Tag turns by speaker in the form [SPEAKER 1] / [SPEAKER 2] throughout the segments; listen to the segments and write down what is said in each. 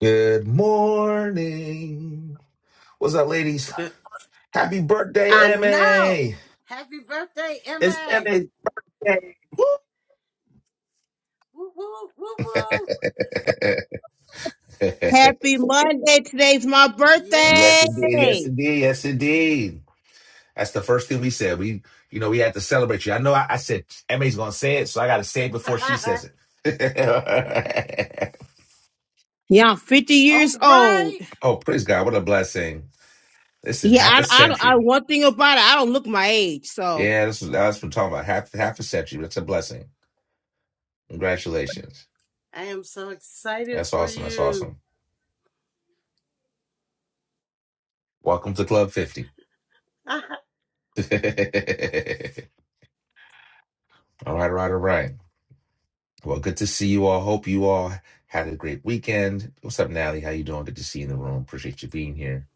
[SPEAKER 1] Good morning. What's up, ladies? Happy
[SPEAKER 2] I
[SPEAKER 1] birthday,
[SPEAKER 2] know.
[SPEAKER 1] MA.
[SPEAKER 2] Happy birthday,
[SPEAKER 1] It's
[SPEAKER 2] MA.
[SPEAKER 1] MA's day. Woo!
[SPEAKER 2] Woo woo woo woo.
[SPEAKER 3] Happy Monday. Today's my
[SPEAKER 1] yes,
[SPEAKER 3] birthday.
[SPEAKER 2] Yes.
[SPEAKER 1] indeed. Yes, indeed. Yes, indeed. That's the first thing we said. We, you know, we had to celebrate you. I know I, I said MA's going to say it, so I got to say it before she says it.
[SPEAKER 3] Yeah, I'm 50 years
[SPEAKER 2] All
[SPEAKER 3] old.
[SPEAKER 2] right.
[SPEAKER 1] oh, praise God. What a blessing. Listen,
[SPEAKER 3] Yeah,
[SPEAKER 1] half
[SPEAKER 3] I,
[SPEAKER 1] a
[SPEAKER 3] I, I
[SPEAKER 1] century.
[SPEAKER 3] one thing about it, I don't look my age. So,
[SPEAKER 1] Yeah, this is, that's what I'm talking about. Half, half a century. That's a blessing. Congratulations.
[SPEAKER 2] I am so excited
[SPEAKER 1] That's
[SPEAKER 2] for
[SPEAKER 1] awesome. That's awesome.
[SPEAKER 2] you.
[SPEAKER 1] Welcome to Club 50. all right, all right, all right. Well, good to see you all. Hope you all had a great weekend. What's up, Nally? How you doing? Good to see you in the room. Appreciate you being here.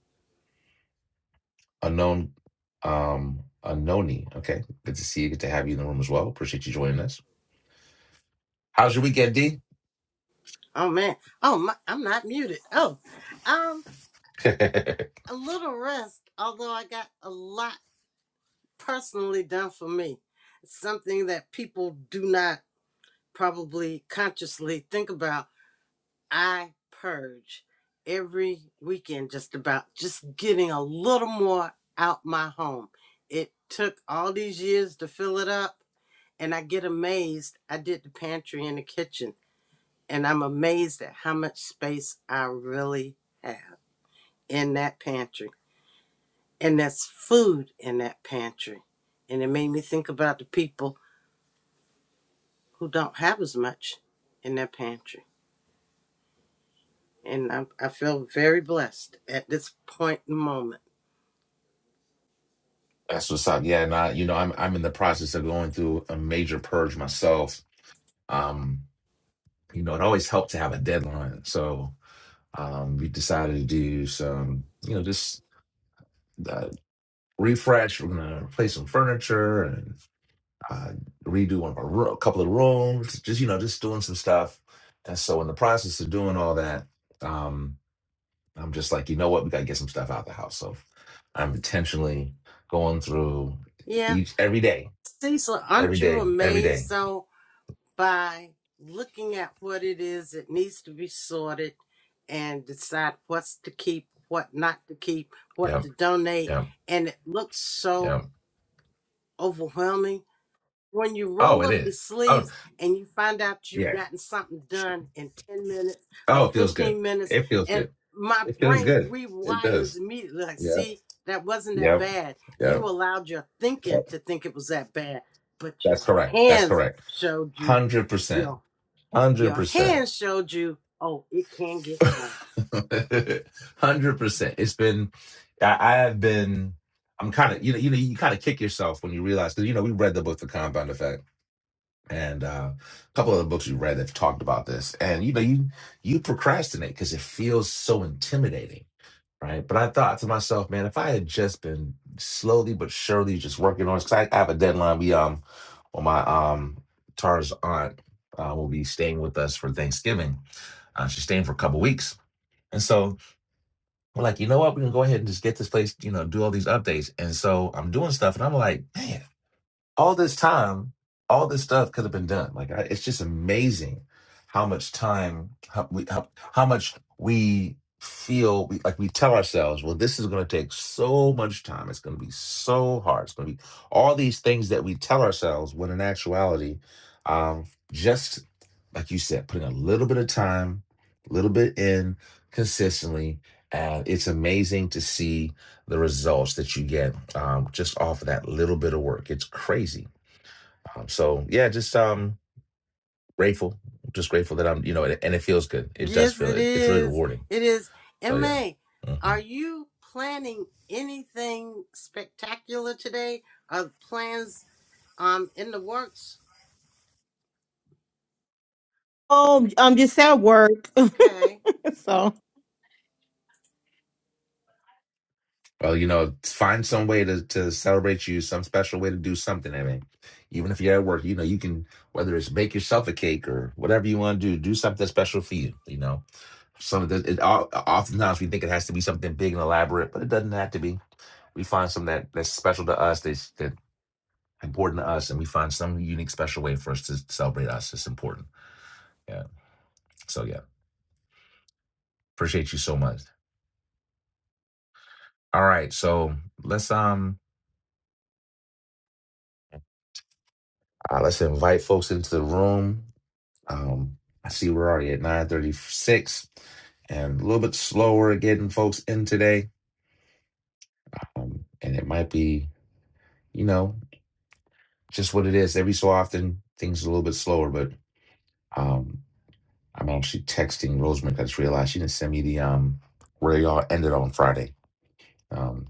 [SPEAKER 1] Unknown, um, unknowny. Okay. Good to see you. Good to have you in the room as well. Appreciate you joining us. How's your weekend, D?
[SPEAKER 2] oh man. Oh my, I'm not muted. Oh. Um
[SPEAKER 1] That's
[SPEAKER 2] a little rest, although I got a lot personally done for me. It's something that people do not probably consciously think about I purge every weekend just about just getting a little more out my home. It took all these years to fill it up and I get amazed. I did the pantry and the kitchen and I'm amazed at how much space I really have in that pantry. And that's food in that pantry. And it made me think about the people who don't have as much in their pantry. And I, I feel very blessed at this point in the moment.
[SPEAKER 1] what's up. Yeah, and I, you know, I'm I'm in the process of going through a major purge myself. Um, you know, it always helped to have a deadline. So um we decided to do some, you know, just uh, refresh. We're gonna replace some furniture and uh, redo one of our roo- a couple of rooms. Just you know, just doing some stuff. And so in the process of doing all that, um, I'm just like, you know what, we gotta get some stuff out the house. So I'm intentionally going through
[SPEAKER 2] Yeah,
[SPEAKER 1] each every day,
[SPEAKER 2] Cecil,
[SPEAKER 1] every
[SPEAKER 2] aren't you
[SPEAKER 1] day, every day.
[SPEAKER 2] amazed though by looking at what it is that needs to be sorted and decide what's to keep, what not to keep, what
[SPEAKER 1] Yep,
[SPEAKER 2] to donate?
[SPEAKER 1] yep,
[SPEAKER 2] And it looks so
[SPEAKER 1] yep.
[SPEAKER 2] overwhelming when you
[SPEAKER 1] Oh,
[SPEAKER 2] roll
[SPEAKER 1] it
[SPEAKER 2] up
[SPEAKER 1] is.
[SPEAKER 2] your
[SPEAKER 1] Oh,
[SPEAKER 2] sleeves and you find out you've
[SPEAKER 1] yeah.
[SPEAKER 2] gotten something done in 10 minutes or
[SPEAKER 1] Oh, it feels good.
[SPEAKER 2] 15 minutes
[SPEAKER 1] It feels
[SPEAKER 2] and
[SPEAKER 1] good.
[SPEAKER 2] my
[SPEAKER 1] It feels
[SPEAKER 2] brain
[SPEAKER 1] good. It
[SPEAKER 2] rewires
[SPEAKER 1] does.
[SPEAKER 2] immediately like
[SPEAKER 1] Yep,
[SPEAKER 2] see that wasn't that
[SPEAKER 1] yep,
[SPEAKER 2] bad you
[SPEAKER 1] yep.
[SPEAKER 2] allowed your thinking
[SPEAKER 1] Yep.
[SPEAKER 2] to think it was that bad but
[SPEAKER 1] That's
[SPEAKER 2] your
[SPEAKER 1] correct. That's
[SPEAKER 2] hands
[SPEAKER 1] correct.
[SPEAKER 2] showed
[SPEAKER 1] one
[SPEAKER 2] you
[SPEAKER 1] Hundred percent.
[SPEAKER 2] your
[SPEAKER 1] Hundred
[SPEAKER 2] your
[SPEAKER 1] percent.
[SPEAKER 2] hands showed you oh it can get done
[SPEAKER 1] Hundred percent. It's been I, I have been I'm kinda you know, you know, you kinda kick yourself when you realize because you know, we read the book The Compound Effect and uh, a couple of the books we read have talked about this. And you know, you you procrastinate because it feels so intimidating. Right. But I thought to myself, man, if I had just been slowly but surely just working on it, because I, I have a deadline. We um well my um Tara's aunt uh, will be staying with us for Thanksgiving. Uh, she's staying for a couple weeks And so we're like, you know what? We can go ahead and just get this place, you know, do all these updates. And so I'm doing stuff and I'm like, man, all this time, all this stuff could have been done. Like, I, it's just amazing how much time, how, we, how, how much we feel we, like we tell ourselves, well, this is going to take so much time. It's going to be so hard. It's going to be all these things that we tell ourselves when in actuality, um, just like you said, putting a little bit of time, a little bit in consistently. And it's amazing to see the results that you get um, just off of that little bit of work. It's crazy. Um, so yeah, just um, grateful, just grateful that I'm, you know, and, and it feels good. It does
[SPEAKER 2] yes
[SPEAKER 1] feel
[SPEAKER 2] it
[SPEAKER 1] it. It's really
[SPEAKER 2] is
[SPEAKER 1] rewarding.
[SPEAKER 2] it is
[SPEAKER 1] So yeah.
[SPEAKER 2] ma
[SPEAKER 1] hmm
[SPEAKER 2] are you planning anything spectacular today are plans Um, in the works.
[SPEAKER 3] oh, I'm just at work.
[SPEAKER 2] Okay.
[SPEAKER 3] so,
[SPEAKER 1] Well, you know, find some way to to celebrate you, some special way to do something. I mean, even if you're at work, you know, you can whether it's make yourself a cake or whatever you want to do, do something special for you. You know, Some of the it, o- oftentimes we think it has to be something big and elaborate, but it doesn't have to be. We find something that, that's special to us, that's that important to us, and we find some unique, special way for us to celebrate us. It's important. Yeah. So yeah, appreciate you so much. All right, so let's um uh, let's invite folks into the room. Um, I see we're already at nine thirty six, and a little bit slower getting folks in today. Um, and it might be, you know, just what it is. Every so often, things are a little bit slower, but Um, I'm actually texting Rosemary because I just realized she didn't send me the um where y'all ended on Friday. Um,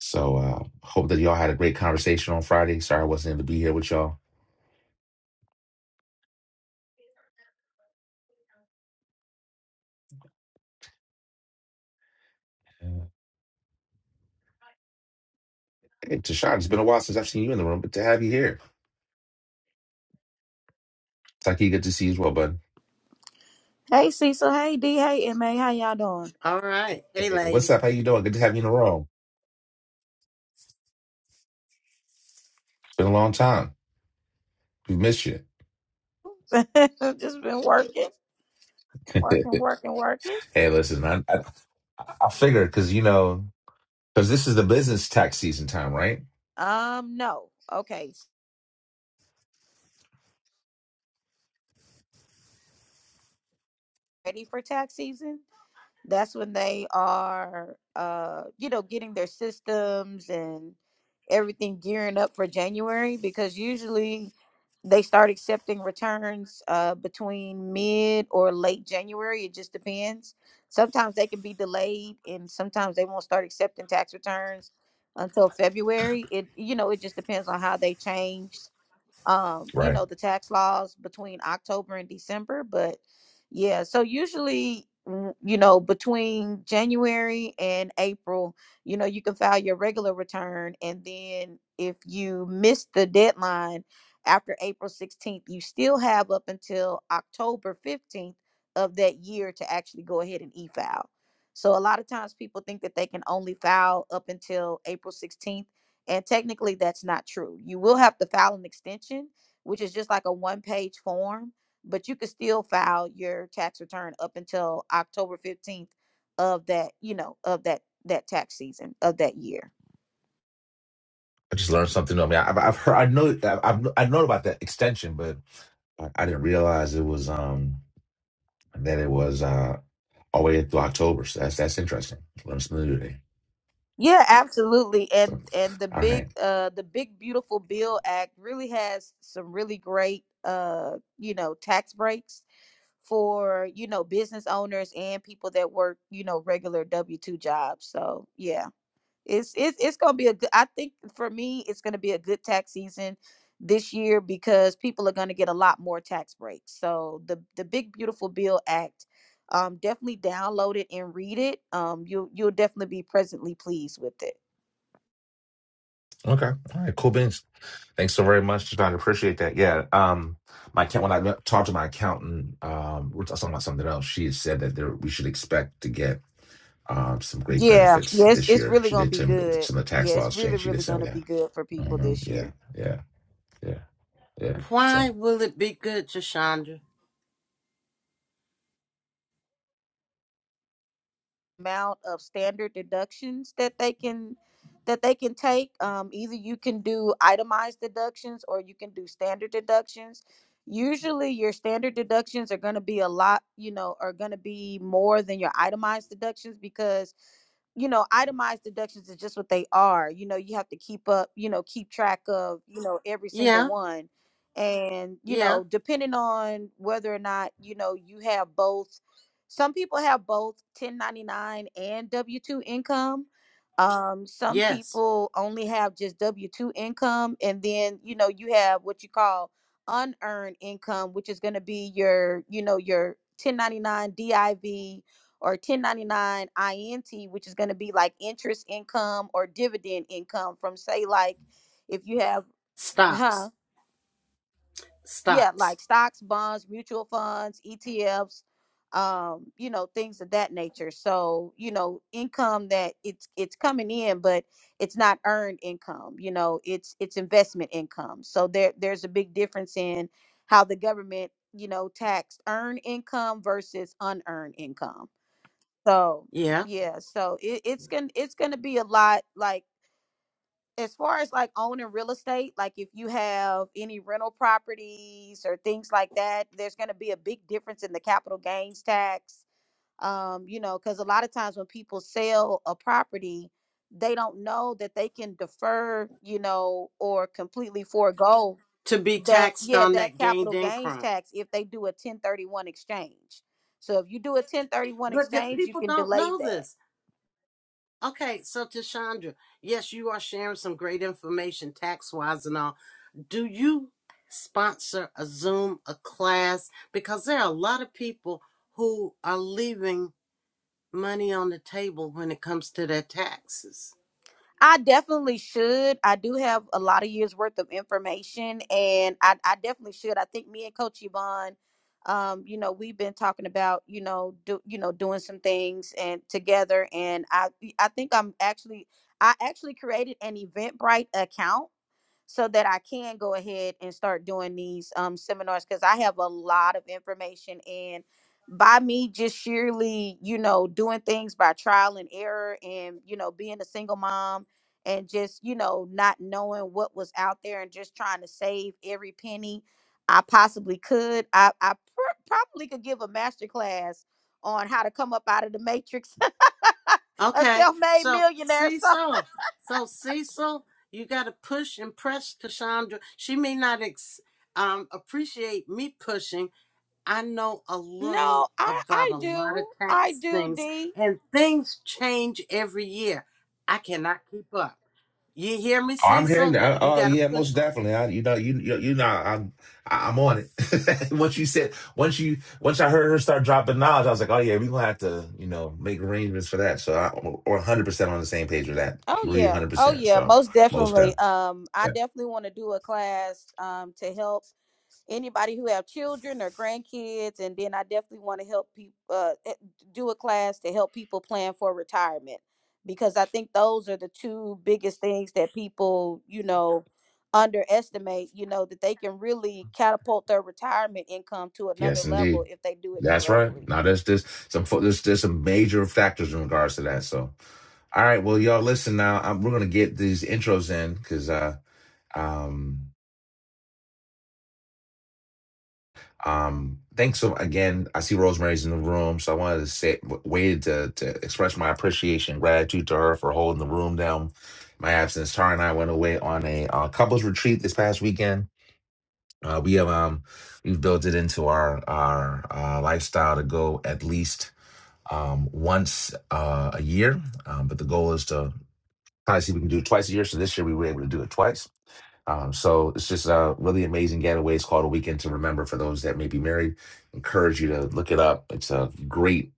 [SPEAKER 1] so uh, hope that y'all had a great conversation on Friday. Sorry I wasn't able to be here with y'all. Uh, Hey, Tashad, it's been a while since I've seen you in the room, but to have you here, Taki, good to see you as well, bud.
[SPEAKER 4] Hey Cecil, hey D, hey MA, how y'all doing?
[SPEAKER 2] All right. Hey,
[SPEAKER 1] Hey, what's
[SPEAKER 2] lady.
[SPEAKER 1] up? How you doing? Good to have you in the room. It's been a long time. We've missed you.
[SPEAKER 4] Just been working,
[SPEAKER 1] hey,
[SPEAKER 4] working, working, working.
[SPEAKER 1] listen, I I, I figured because you know because this is the business tax season time, right?
[SPEAKER 4] Um, no. Okay. Ready for tax season? that's when they are uh you know getting their systems and everything gearing up for january because usually they start accepting returns uh between mid or late january it just depends sometimes they can be delayed and sometimes they won't start accepting tax returns until february it you know it just depends on how they change um, you
[SPEAKER 1] right?
[SPEAKER 4] know, the tax laws between October and December. But yeah, so usually, w- you know, between January and April, you know, you can file your regular return. And then if you miss the deadline after April 16th, you still have up until October 15th of that year to actually go ahead and e file. So a lot of times people think that they can only file up until April 16th and technically, that's not true. You will have to file an extension, which is just like a one page form, but you could still file your tax return up until October 15th of that, you know, of that that tax season of that year.
[SPEAKER 1] I just learned something new. I mean, I, have I've heard, I know, I've I've known about that extension, but I, I didn't realize it was um that it was uh all the way through October. So that's that's interesting. Learned something new today.
[SPEAKER 4] Yeah, absolutely.
[SPEAKER 1] So,
[SPEAKER 4] And and the
[SPEAKER 1] all
[SPEAKER 4] big
[SPEAKER 1] right,
[SPEAKER 4] uh the big beautiful bill act really has some really great uh you know tax breaks for you know business owners and people that work you know regular W2 jobs. So, yeah. It's it's it's gonna be a good. I think for me, it's gonna be a good tax season this year because people are gonna get a lot more tax breaks. So the the Big Beautiful Bill Act, um, definitely download it and read it. Um, you will you'll you'll definitely be presently pleased with it.
[SPEAKER 1] okay, all right, cool beans. Thanks so very much, John. Appreciate that. Yeah, um, my account when I talked to my accountant, um, we we're talking about something else. She had said that there we should expect to get um some great
[SPEAKER 4] Yeah,
[SPEAKER 1] benefits
[SPEAKER 4] yes,
[SPEAKER 1] this
[SPEAKER 4] it's
[SPEAKER 1] year.
[SPEAKER 4] really
[SPEAKER 1] She
[SPEAKER 4] gonna
[SPEAKER 1] did
[SPEAKER 4] be
[SPEAKER 1] tell me that
[SPEAKER 4] good.
[SPEAKER 1] some of the
[SPEAKER 4] Yeah,
[SPEAKER 1] tax
[SPEAKER 4] it's
[SPEAKER 1] laws
[SPEAKER 4] really,
[SPEAKER 1] changed. She did
[SPEAKER 4] really
[SPEAKER 1] send
[SPEAKER 4] gonna
[SPEAKER 1] me
[SPEAKER 4] be
[SPEAKER 1] that.
[SPEAKER 4] good for people
[SPEAKER 1] hmm
[SPEAKER 4] this
[SPEAKER 1] Yeah,
[SPEAKER 4] year.
[SPEAKER 1] yeah, yeah, yeah. So.
[SPEAKER 2] Why will it be good, Chandra?
[SPEAKER 4] amount of standard deductions that they can that they can take. Um, either you can do itemized deductions or you can do standard deductions. Usually, your standard deductions are going to be a lot, you know, are going to be more than your itemized deductions because you know itemized deductions is just what they are you know you have to keep up you know keep track of you know every single
[SPEAKER 2] Yeah.
[SPEAKER 4] one and you
[SPEAKER 2] Yeah.
[SPEAKER 4] know depending on whether or not you know you have both some people have both 1099 and w2 income um some
[SPEAKER 2] Yes.
[SPEAKER 4] people only have just w2 income and then you know you have what you call unearned income which is going to be your you know your 1099 div or 1099 int which is going to be like interest income or dividend income from say like if you have huh
[SPEAKER 2] Stocks.
[SPEAKER 4] yeah,
[SPEAKER 2] Stocks.
[SPEAKER 4] like stocks, bonds, mutual funds, ETFs, um, you know, things of that nature. So, you know, income that it's it's coming in, but it's not earned income. You know, it's it's investment income. So there there's a big difference in how the government, you know, taxed earned income versus unearned income. So
[SPEAKER 2] Yeah.
[SPEAKER 4] yeah, so it, it's gonna it's gonna be a lot like as far as like owning real estate, like if you have any rental properties or things like that, there's going to be a big difference in the capital gains tax. Um, you know, because a lot of times when people sell a property, they don't know that they can defer, you know, or completely forego
[SPEAKER 2] To be
[SPEAKER 4] that,
[SPEAKER 2] taxed
[SPEAKER 4] yeah,
[SPEAKER 2] on
[SPEAKER 4] that
[SPEAKER 2] that
[SPEAKER 4] capital
[SPEAKER 2] gained
[SPEAKER 4] gains
[SPEAKER 2] income.
[SPEAKER 4] tax if they do a 1031 exchange. So if you do a 1031
[SPEAKER 2] But the
[SPEAKER 4] exchange, you
[SPEAKER 2] people
[SPEAKER 4] can
[SPEAKER 2] don't
[SPEAKER 4] delay
[SPEAKER 2] know
[SPEAKER 4] that.
[SPEAKER 2] this. Okay, so Tashandra, yes, you are sharing some great information tax wise and all. Do you sponsor a Zoom, a class? Because there are a lot of people who are leaving money on the table when it comes to their taxes.
[SPEAKER 4] I definitely should. I do have a lot of years worth of information, and I, I definitely should. I think me and Coach Yvonne, um, you know, we've been talking about, you know, do you know, doing some things and together, and I I think I'm actually I actually created an Eventbrite account so that I can go ahead and start doing these um, seminars because I have a lot of information. And by me just sheerly, you know, doing things by trial and error and, you know, being a single mom and just, you know, not knowing what was out there and just trying to save every penny I possibly could, I, I pr- probably could give a master class on how to come up out of the matrix, a
[SPEAKER 2] Okay,
[SPEAKER 4] self made
[SPEAKER 2] so
[SPEAKER 4] millionaire. So,
[SPEAKER 2] Cecil, so Cecil, you got to push and press Cassandra. She may not ex- um, appreciate me pushing. I know a
[SPEAKER 4] no,
[SPEAKER 2] little
[SPEAKER 4] I,
[SPEAKER 2] about
[SPEAKER 4] I
[SPEAKER 2] a lot of
[SPEAKER 4] do. I
[SPEAKER 2] tax
[SPEAKER 4] do,
[SPEAKER 2] things,
[SPEAKER 4] D.
[SPEAKER 2] and things change every year. I cannot keep up. You hear me,
[SPEAKER 1] Oh, I'm hearing
[SPEAKER 2] Cecil?
[SPEAKER 1] that.
[SPEAKER 2] You
[SPEAKER 1] Oh, oh,
[SPEAKER 2] got to
[SPEAKER 1] yeah, most
[SPEAKER 2] push her.
[SPEAKER 1] definitely. I, you know, you you, you know, I'm I- I'm on it. once you said, once you once I heard her start dropping knowledge, I was like, oh yeah, we're gonna have to, you know, make arrangements for that. So I, we're 100 percent on the same page with that.
[SPEAKER 4] Oh
[SPEAKER 1] Agree
[SPEAKER 4] yeah.
[SPEAKER 1] 100.
[SPEAKER 4] Oh
[SPEAKER 1] percent
[SPEAKER 4] yeah,
[SPEAKER 1] So
[SPEAKER 4] most
[SPEAKER 1] most
[SPEAKER 4] definitely.
[SPEAKER 1] definitely.
[SPEAKER 4] Um I
[SPEAKER 1] Yeah.
[SPEAKER 4] definitely want to do a class um to help anybody who have children or grandkids and then I definitely want to help people uh eh, do a class to help people plan for retirement because I think those are the two biggest things that people, you know, underestimate, you know, that they can really catapult their retirement income to another
[SPEAKER 1] Yes,
[SPEAKER 4] level
[SPEAKER 1] indeed.
[SPEAKER 4] if they do it
[SPEAKER 1] That's right.
[SPEAKER 4] correctly.
[SPEAKER 1] Now there's this some fo- there's there's some major factors in regards to that. So all right, well y'all listen now. I'm, we're gonna get these intros in because uh um Um, thanks so again. I see Rosemary's in the room, so I wanted to say, w- waited to to express my appreciation, and gratitude to her for holding the room down. My absence. Tara and I went away on a uh, couples retreat this past weekend. Uh, we have um we've built it into our our uh, lifestyle to go at least um once uh, a year, um, but the goal is to try to see if we can do it twice a year. So this year we were able to do it twice um, so it's just a really amazing getaway. It's called A Weekend to Remember for those that may be married. Encourage you to look it up. It's a great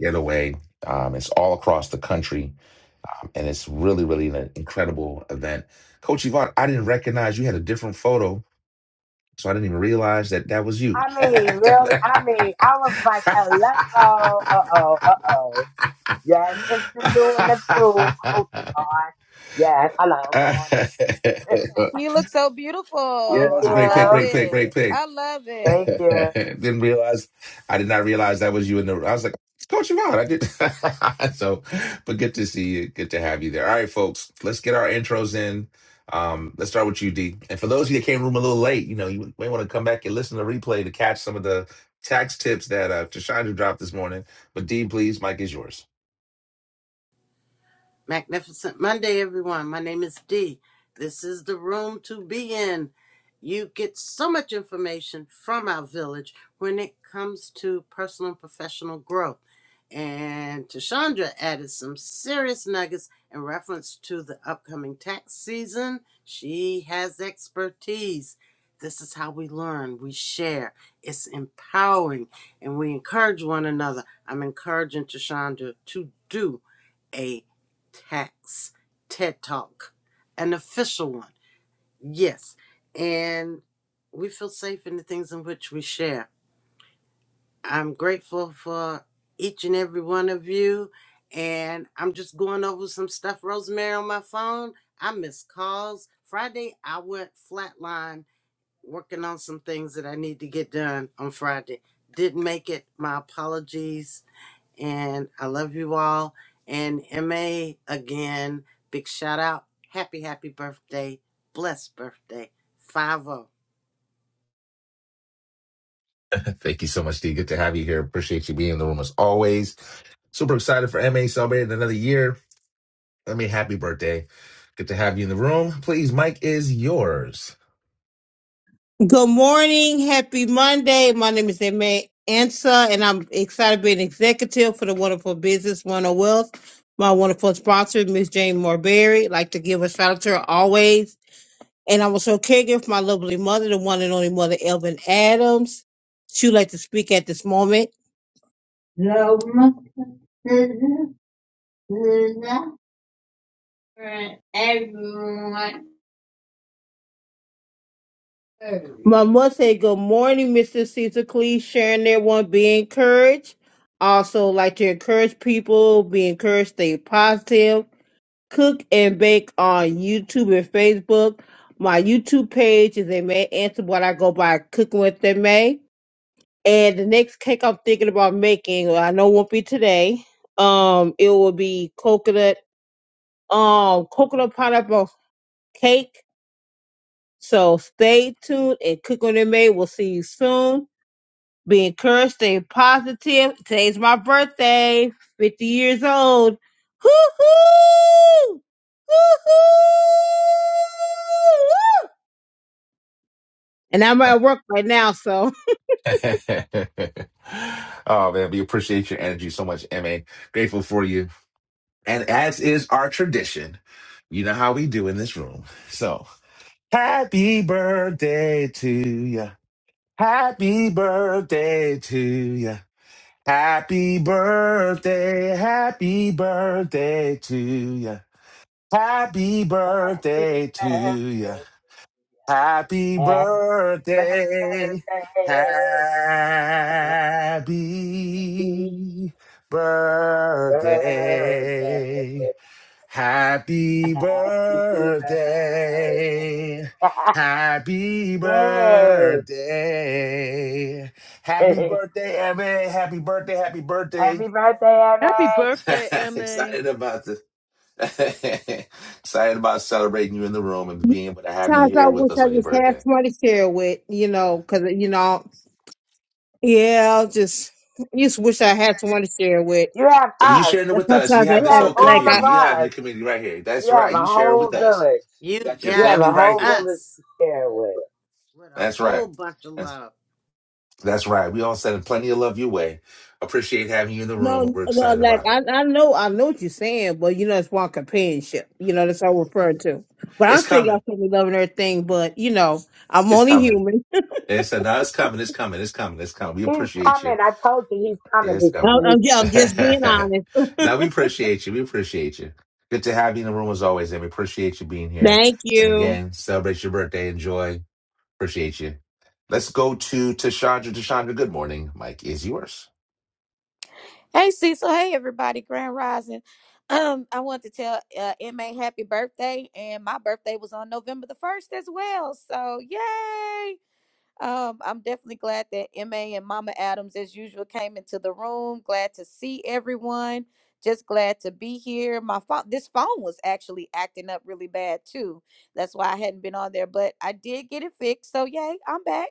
[SPEAKER 1] getaway. Um, it's all across the country, and it's really, really an incredible event. Coach Yvonne, I didn't recognize you had a different photo, so I didn't even realize that that was you.
[SPEAKER 5] I mean, really, I mean, I was like, hello, uh oh, uh oh. Yes, it's the new and improved coaching on. Yes, hello, good morning.
[SPEAKER 4] You look so
[SPEAKER 1] yeah,
[SPEAKER 5] Thank
[SPEAKER 4] beautiful.
[SPEAKER 1] that's a
[SPEAKER 4] I
[SPEAKER 1] great pick,
[SPEAKER 4] love
[SPEAKER 5] you,
[SPEAKER 1] great pick, great
[SPEAKER 4] it.
[SPEAKER 1] pick.
[SPEAKER 4] I love it.
[SPEAKER 5] thank you.
[SPEAKER 1] Didn't realize I did not realize that was you in the I was like, it's Coach Yvonne. I did so but good to see you. Good to have you there. All right, folks, let's get our intros in. Um, let's start with you, D. And for those of you that came room a little late, you know, you may want to come back and listen to the replay to catch some of the tax tips that uh Tashandra dropped this morning. But D, please, Mike is yours.
[SPEAKER 2] Magnificent Monday, everyone. My name is Dee. This is the room to be in. You get so much information from our village when it comes to personal and professional growth. And Tashandra added some serious nuggets in reference to the upcoming tax season. She has expertise. This is how we learn, we share. It's empowering, and we encourage one another. I'm encouraging Tashandra to do a. Tax TED Talk, an official one. Yes. And we feel safe in the things in which we share. I'm grateful for each and every one of you. And I'm just going over some stuff, Rosemary, on my phone. I missed calls. Friday, I went flatline working on some things that I need to get done on Friday. Didn't make it. My apologies and I love you all. And MA again, big shout out. Happy, happy birthday. Blessed birthday. 5 o.
[SPEAKER 1] Thank you so much, D. Good to have you here. Appreciate you being in the room as always. Super excited for MA celebrating another year. I mean, happy birthday. Good to have you in the room. Please, Mike is yours.
[SPEAKER 3] good morning. Happy Monday. My name is Emma Ansa, and I'm excited to be an executive for the wonderful business, One of Wealth. My wonderful sponsor, Miss Jane Morberry. Like to give a shout out to her always And I was her caregiver for my lovely mother, the one and only mother, Elvin Adams. She would like to speak at this moment. Loma, for everyone. My mother said, Good morning, Mr. Caesar Clee, sharing their one, be encouraged. Also, like to encourage people, be encouraged, stay positive. Cook and bake on YouTube and Facebook. My YouTube page is a May Answer, what I go by Cooking with the May. And the next cake I'm thinking about making, well, I know it won't be today. Um, it will be coconut, um, coconut pineapple cake. So stay tuned and cook on it May. We'll see you soon. Be encouraged, stay positive. Today's my birthday, 50 years old. Hoo hoo! Hoo hoo! And I'm at work right now, so
[SPEAKER 1] oh man, we appreciate your energy so much, MA. Grateful for you. And as is our tradition, you know how we do in this room. So happy birthday to you. Happy birthday to you. Happy birthday. Happy birthday to you. Happy
[SPEAKER 5] Happy
[SPEAKER 1] birthday to you. Happy
[SPEAKER 5] birthday, happy birthday,
[SPEAKER 1] birthday. Happy
[SPEAKER 5] happy birthday,
[SPEAKER 1] birthday. Happy
[SPEAKER 5] happy
[SPEAKER 1] birthday. Happy
[SPEAKER 5] birthday.
[SPEAKER 1] birthday.
[SPEAKER 5] Yay!
[SPEAKER 1] Happy birthday, Evan. Happy birthday. Happy birthday.
[SPEAKER 5] happy birthday, Emma.
[SPEAKER 6] Happy birthday, MA.
[SPEAKER 1] excited about the excited about celebrating you in the room and being able to have you
[SPEAKER 3] sometimes I
[SPEAKER 1] here with
[SPEAKER 3] wish
[SPEAKER 1] us
[SPEAKER 3] I
[SPEAKER 1] on your
[SPEAKER 3] just
[SPEAKER 1] birthday.
[SPEAKER 3] had somebody to share with, you know, because you know Yeah, I just just wish I had someone to share with.
[SPEAKER 5] You have
[SPEAKER 1] Well, you
[SPEAKER 5] us.
[SPEAKER 1] sharing it
[SPEAKER 3] That's
[SPEAKER 1] with us. You
[SPEAKER 3] sometimes I,
[SPEAKER 1] have
[SPEAKER 5] You
[SPEAKER 1] this
[SPEAKER 3] I
[SPEAKER 5] have
[SPEAKER 1] whole
[SPEAKER 3] like
[SPEAKER 5] all
[SPEAKER 1] community.
[SPEAKER 3] I
[SPEAKER 5] of
[SPEAKER 1] You have your
[SPEAKER 5] us.
[SPEAKER 1] community right here. That's
[SPEAKER 5] You have
[SPEAKER 1] right.
[SPEAKER 5] a
[SPEAKER 1] You share it
[SPEAKER 5] whole
[SPEAKER 1] with us.
[SPEAKER 5] village.
[SPEAKER 1] You
[SPEAKER 2] You
[SPEAKER 1] got your
[SPEAKER 5] You have
[SPEAKER 2] got
[SPEAKER 1] family
[SPEAKER 5] a
[SPEAKER 1] right
[SPEAKER 5] whole
[SPEAKER 1] here.
[SPEAKER 5] village
[SPEAKER 2] us
[SPEAKER 5] to share with.
[SPEAKER 2] with a
[SPEAKER 1] That's right.
[SPEAKER 2] whole bunch of
[SPEAKER 1] That's,
[SPEAKER 2] love.
[SPEAKER 1] that's right. We all sending plenty of love your way. Appreciate having you in the room.
[SPEAKER 3] no
[SPEAKER 1] We're
[SPEAKER 3] no
[SPEAKER 1] excited
[SPEAKER 3] like
[SPEAKER 1] about
[SPEAKER 3] I I know I know what you're saying, but you know it's one companionship. You know that's all
[SPEAKER 1] it.
[SPEAKER 3] I'm referring to. But
[SPEAKER 1] It's
[SPEAKER 3] I'm saying
[SPEAKER 1] coming.
[SPEAKER 3] y'all should be loving everything, but you know I'm
[SPEAKER 1] It's
[SPEAKER 3] only
[SPEAKER 1] coming.
[SPEAKER 3] human.
[SPEAKER 1] It's, no, it's coming. It's coming. It's coming. It's coming. We
[SPEAKER 5] He's
[SPEAKER 1] appreciate you.
[SPEAKER 5] coming. I told you he's
[SPEAKER 1] Yeah,
[SPEAKER 5] coming.
[SPEAKER 1] It's
[SPEAKER 5] He's
[SPEAKER 1] coming.
[SPEAKER 3] I'm,
[SPEAKER 5] coming. He's
[SPEAKER 3] I'm, ju- I'm
[SPEAKER 5] coming.
[SPEAKER 3] just being honest.
[SPEAKER 1] now we appreciate you. We appreciate you. Good to have you in the room as always, and we appreciate you being here.
[SPEAKER 3] Thank
[SPEAKER 1] And
[SPEAKER 3] you.
[SPEAKER 1] again, celebrate your birthday. Enjoy. Appreciate you. Let's go to Tashandra. Tashandra, good morning. Mike is yours.
[SPEAKER 4] Hey, Cecil. Hey, everybody. Grand Rising. Um, I want to tell uh, MA happy birthday, and my birthday was on November the 1st as well. So, yay! Um, I'm definitely glad that MA and Mama Adams, as usual, came into the room. Glad to see everyone. Just glad to be here. My phone, this phone was actually acting up really bad too. That's why I hadn't been on there, but I did get it fixed. So yay, I'm back.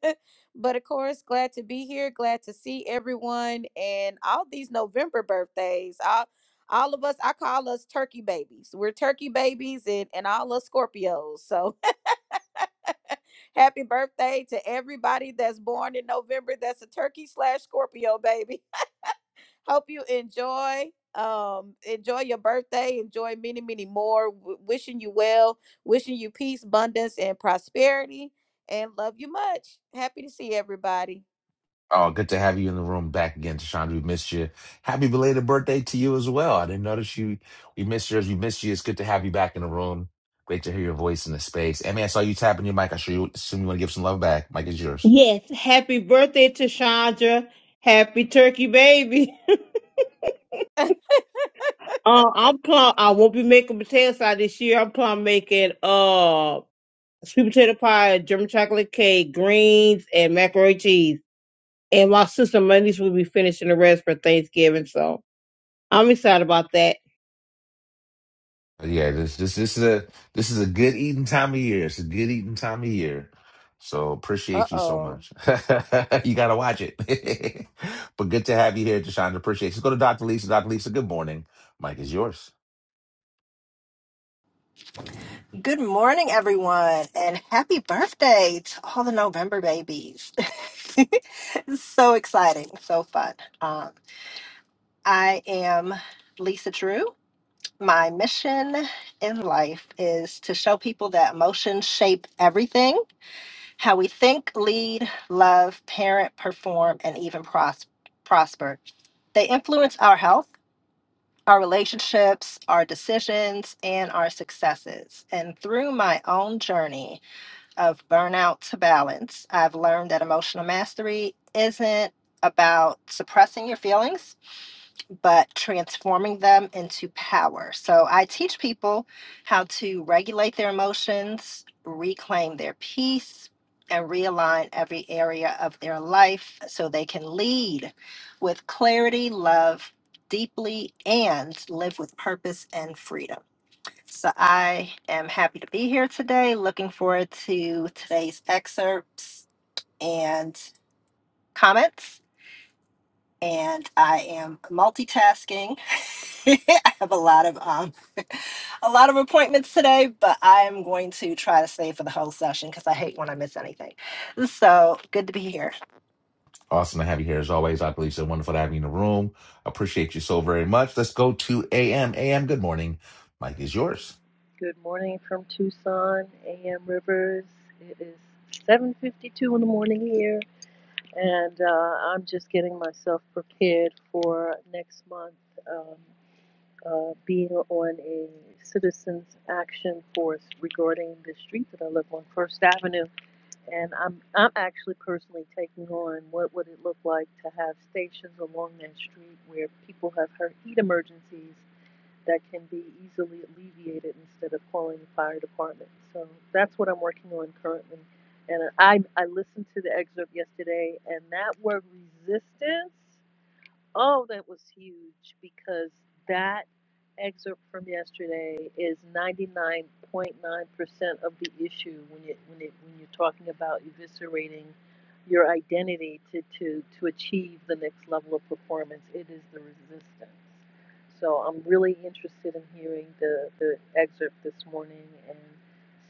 [SPEAKER 4] but of course, glad to be here. Glad to see everyone and all these November birthdays. All, all of us, I call us turkey babies. We're turkey babies and, and all us Scorpios. So Happy birthday to everybody that's born in November. That's a turkey slash Scorpio, baby. Hope you enjoy. Um, enjoy your birthday. Enjoy many, many more. W- wishing you well. Wishing you peace, abundance, and prosperity. And love you much. Happy to see everybody.
[SPEAKER 1] Oh, good to have you in the room back again, Tashandra. We missed you. Happy belated birthday to you as well. I didn't notice you. We missed yours. We missed you. It's good to have you back in the room. Great to hear your voice in the space. Emmy, I saw you tapping your mic. I sure you assume you want to give some love back. Mike is yours.
[SPEAKER 3] Yes, happy birthday to Chandra. Happy turkey baby. Uh, I'm plum. I won't be making potato salad this year. I'm plum making. uh, sweet potato pie, German chocolate cake, greens, and macaroni and cheese. And my sister Mondays will be finishing the rest for Thanksgiving, so I'm excited about that.
[SPEAKER 1] Yeah, this this this is a this is a good eating time of year. It's a good eating time of year. So
[SPEAKER 4] Uh
[SPEAKER 1] appreciate you so
[SPEAKER 4] oh.
[SPEAKER 1] much. you gotta watch it. but good to have you here, Deshawn. Appreciate you. Let's go to Dr. Lisa. Dr. Lisa, good morning. Mike is yours.
[SPEAKER 7] Good morning, everyone, and happy birthday to all the November babies. so exciting, so fun. Um, I am Lisa Drew. My mission in life is to show people that emotions shape everything how we think, lead, love, parent, perform, and even pros- prosper. They influence our health. Our relationships, our decisions, and our successes. And through my own journey, of burnout to balance. I've learned that emotional mastery isn't about suppressing your feelings, but transforming them into power. So I teach people how to regulate their emotions, reclaim their peace, and realign every area of their life so they can lead with clarity, love deeply, and live with purpose and freedom. So I am happy to be here today. Looking forward to today's excerpts and comments. And I am multitasking. I have a lot of um, a lot of appointments today, but I am going to try to stay for the whole session because I hate when I miss anything. So good to be here.
[SPEAKER 1] Awesome to have you here as always, Dr. Lisa. Wonderful to have you in the room. Appreciate you so very much. Let's go to AM. AM, good morning. Mike is yours.
[SPEAKER 6] Good morning from Tucson, AM Rivers. It is 7:52 in the morning here, and uh, I'm just getting myself prepared for next month um, uh, being on a citizens action force regarding the street that I live on, First Avenue, and I'm I'm actually personally taking on what would it look like to have stations along that street where people have heard heat emergencies that can be easily alleviated instead of calling the fire department. So that's what I'm working on currently. And I, I listened to the excerpt yesterday, and that word resistance Oh, that was huge because that excerpt from yesterday is 99.9% of the issue when you when it when you're talking about eviscerating your identity to to to achieve the next level of performance. It is the resistance. So I'm really interested in hearing the the excerpt this morning and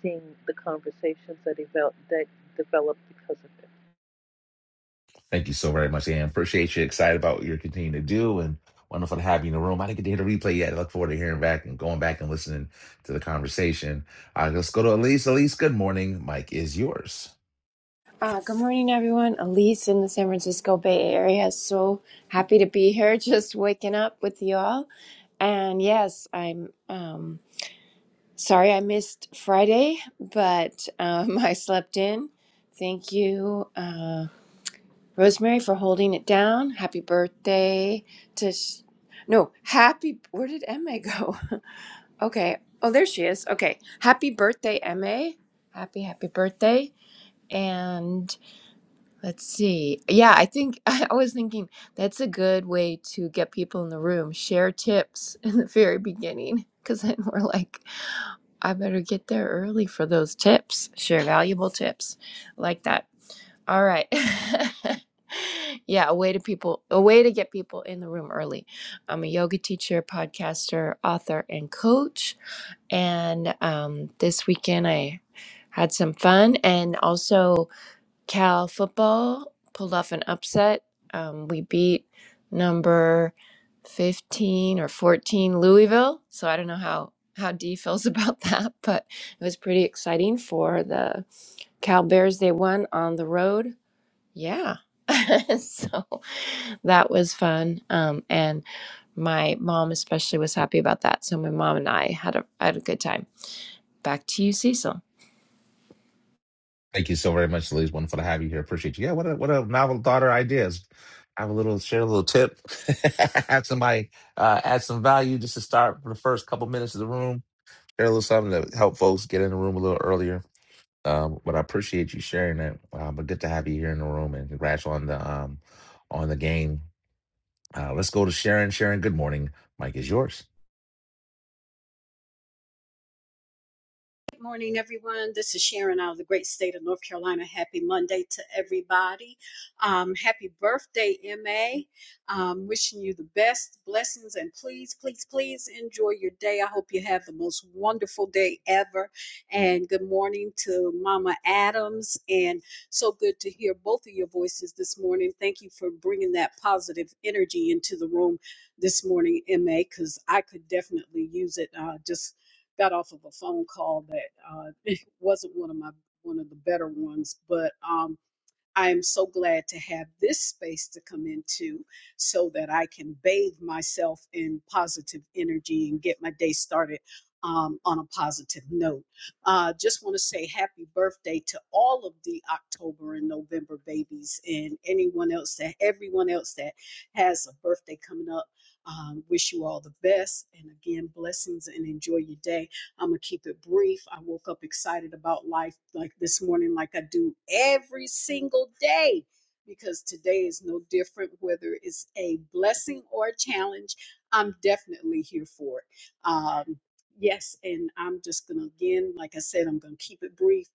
[SPEAKER 6] seeing the conversations that develop that develop because of it.
[SPEAKER 1] Thank you so very much, Ann. Appreciate you. Excited about what you're continuing to do and wonderful to have you in the room. I didn't get to hear the replay yet. I look forward to hearing back and going back and listening to the conversation. Uh, let's go to Elise. Elise, good morning. Mike is yours.
[SPEAKER 8] Uh, good morning, everyone. Elise in the San Francisco Bay Area. So happy to be here, just waking up with y'all. And yes, I'm um, sorry I missed Friday, but um, I slept in. Thank you, uh, Rosemary, for holding it down. Happy birthday to. Sh- no, happy. Where did Emma go? okay. Oh, there she is. Okay. Happy birthday, Emma. Happy, happy birthday. and. Let's see. Yeah, I think I was thinking that's a good way to get people in the room, share tips in the very beginning, because then we're like, I better get there early for those tips, share valuable tips like that. All right. yeah, a way to people, a way to get people in the room early. I'm a yoga teacher, podcaster, author, and coach. And um, this weekend I had some fun and also Cal football pulled off an upset. Um, we beat number 15 or 14 Louisville. So I don't know how, how D feels about that, but it was pretty exciting for the Cal Bears. They won on the road. Yeah. so that was fun. Um, and my mom especially was happy about that. So my mom and I had a, had a good time. Back to you, Cecil.
[SPEAKER 1] Thank you so very much, Elise. Wonderful to have you here. Appreciate you. Yeah, what a what a novel thought or ideas. Have a little share a little tip. have somebody uh, add some value just to start for the first couple minutes of the room. Share a little something to help folks get in the room a little earlier Um, but I appreciate you sharing that. Uh, but good to have you here in the room and congrats on the um on the game. Uh, let's go to Sharon. Sharon, good morning. Mike is yours.
[SPEAKER 9] Good morning, everyone. This is Sharon out of the great state of North Carolina. Happy Monday to everybody. Um, happy birthday, MA. Um, wishing you the best blessings and please, please, please enjoy your day. I hope you have the most wonderful day ever. And good morning to Mama Adams. And so good to hear both of your voices this morning. Thank you for bringing that positive energy into the room this morning, MA, because I could definitely use it. Uh, just got off of a phone call that uh, it wasn't one of my one of the better ones, but um, I am so glad to have this space to come into so that I can bathe myself in positive energy and get my day started um, on a positive note. Uh, just want to say happy birthday to all of the October and November babies and anyone else that everyone else that has a birthday coming up. Um, wish you all the best. And again, blessings and enjoy your day. I'm going to keep it brief. I woke up excited about life like this morning, like I do every single day, because today is no different, whether it's a blessing or a challenge. I'm definitely here for it. Um, yes, and I'm just going to, again, like I said, I'm going to keep it brief.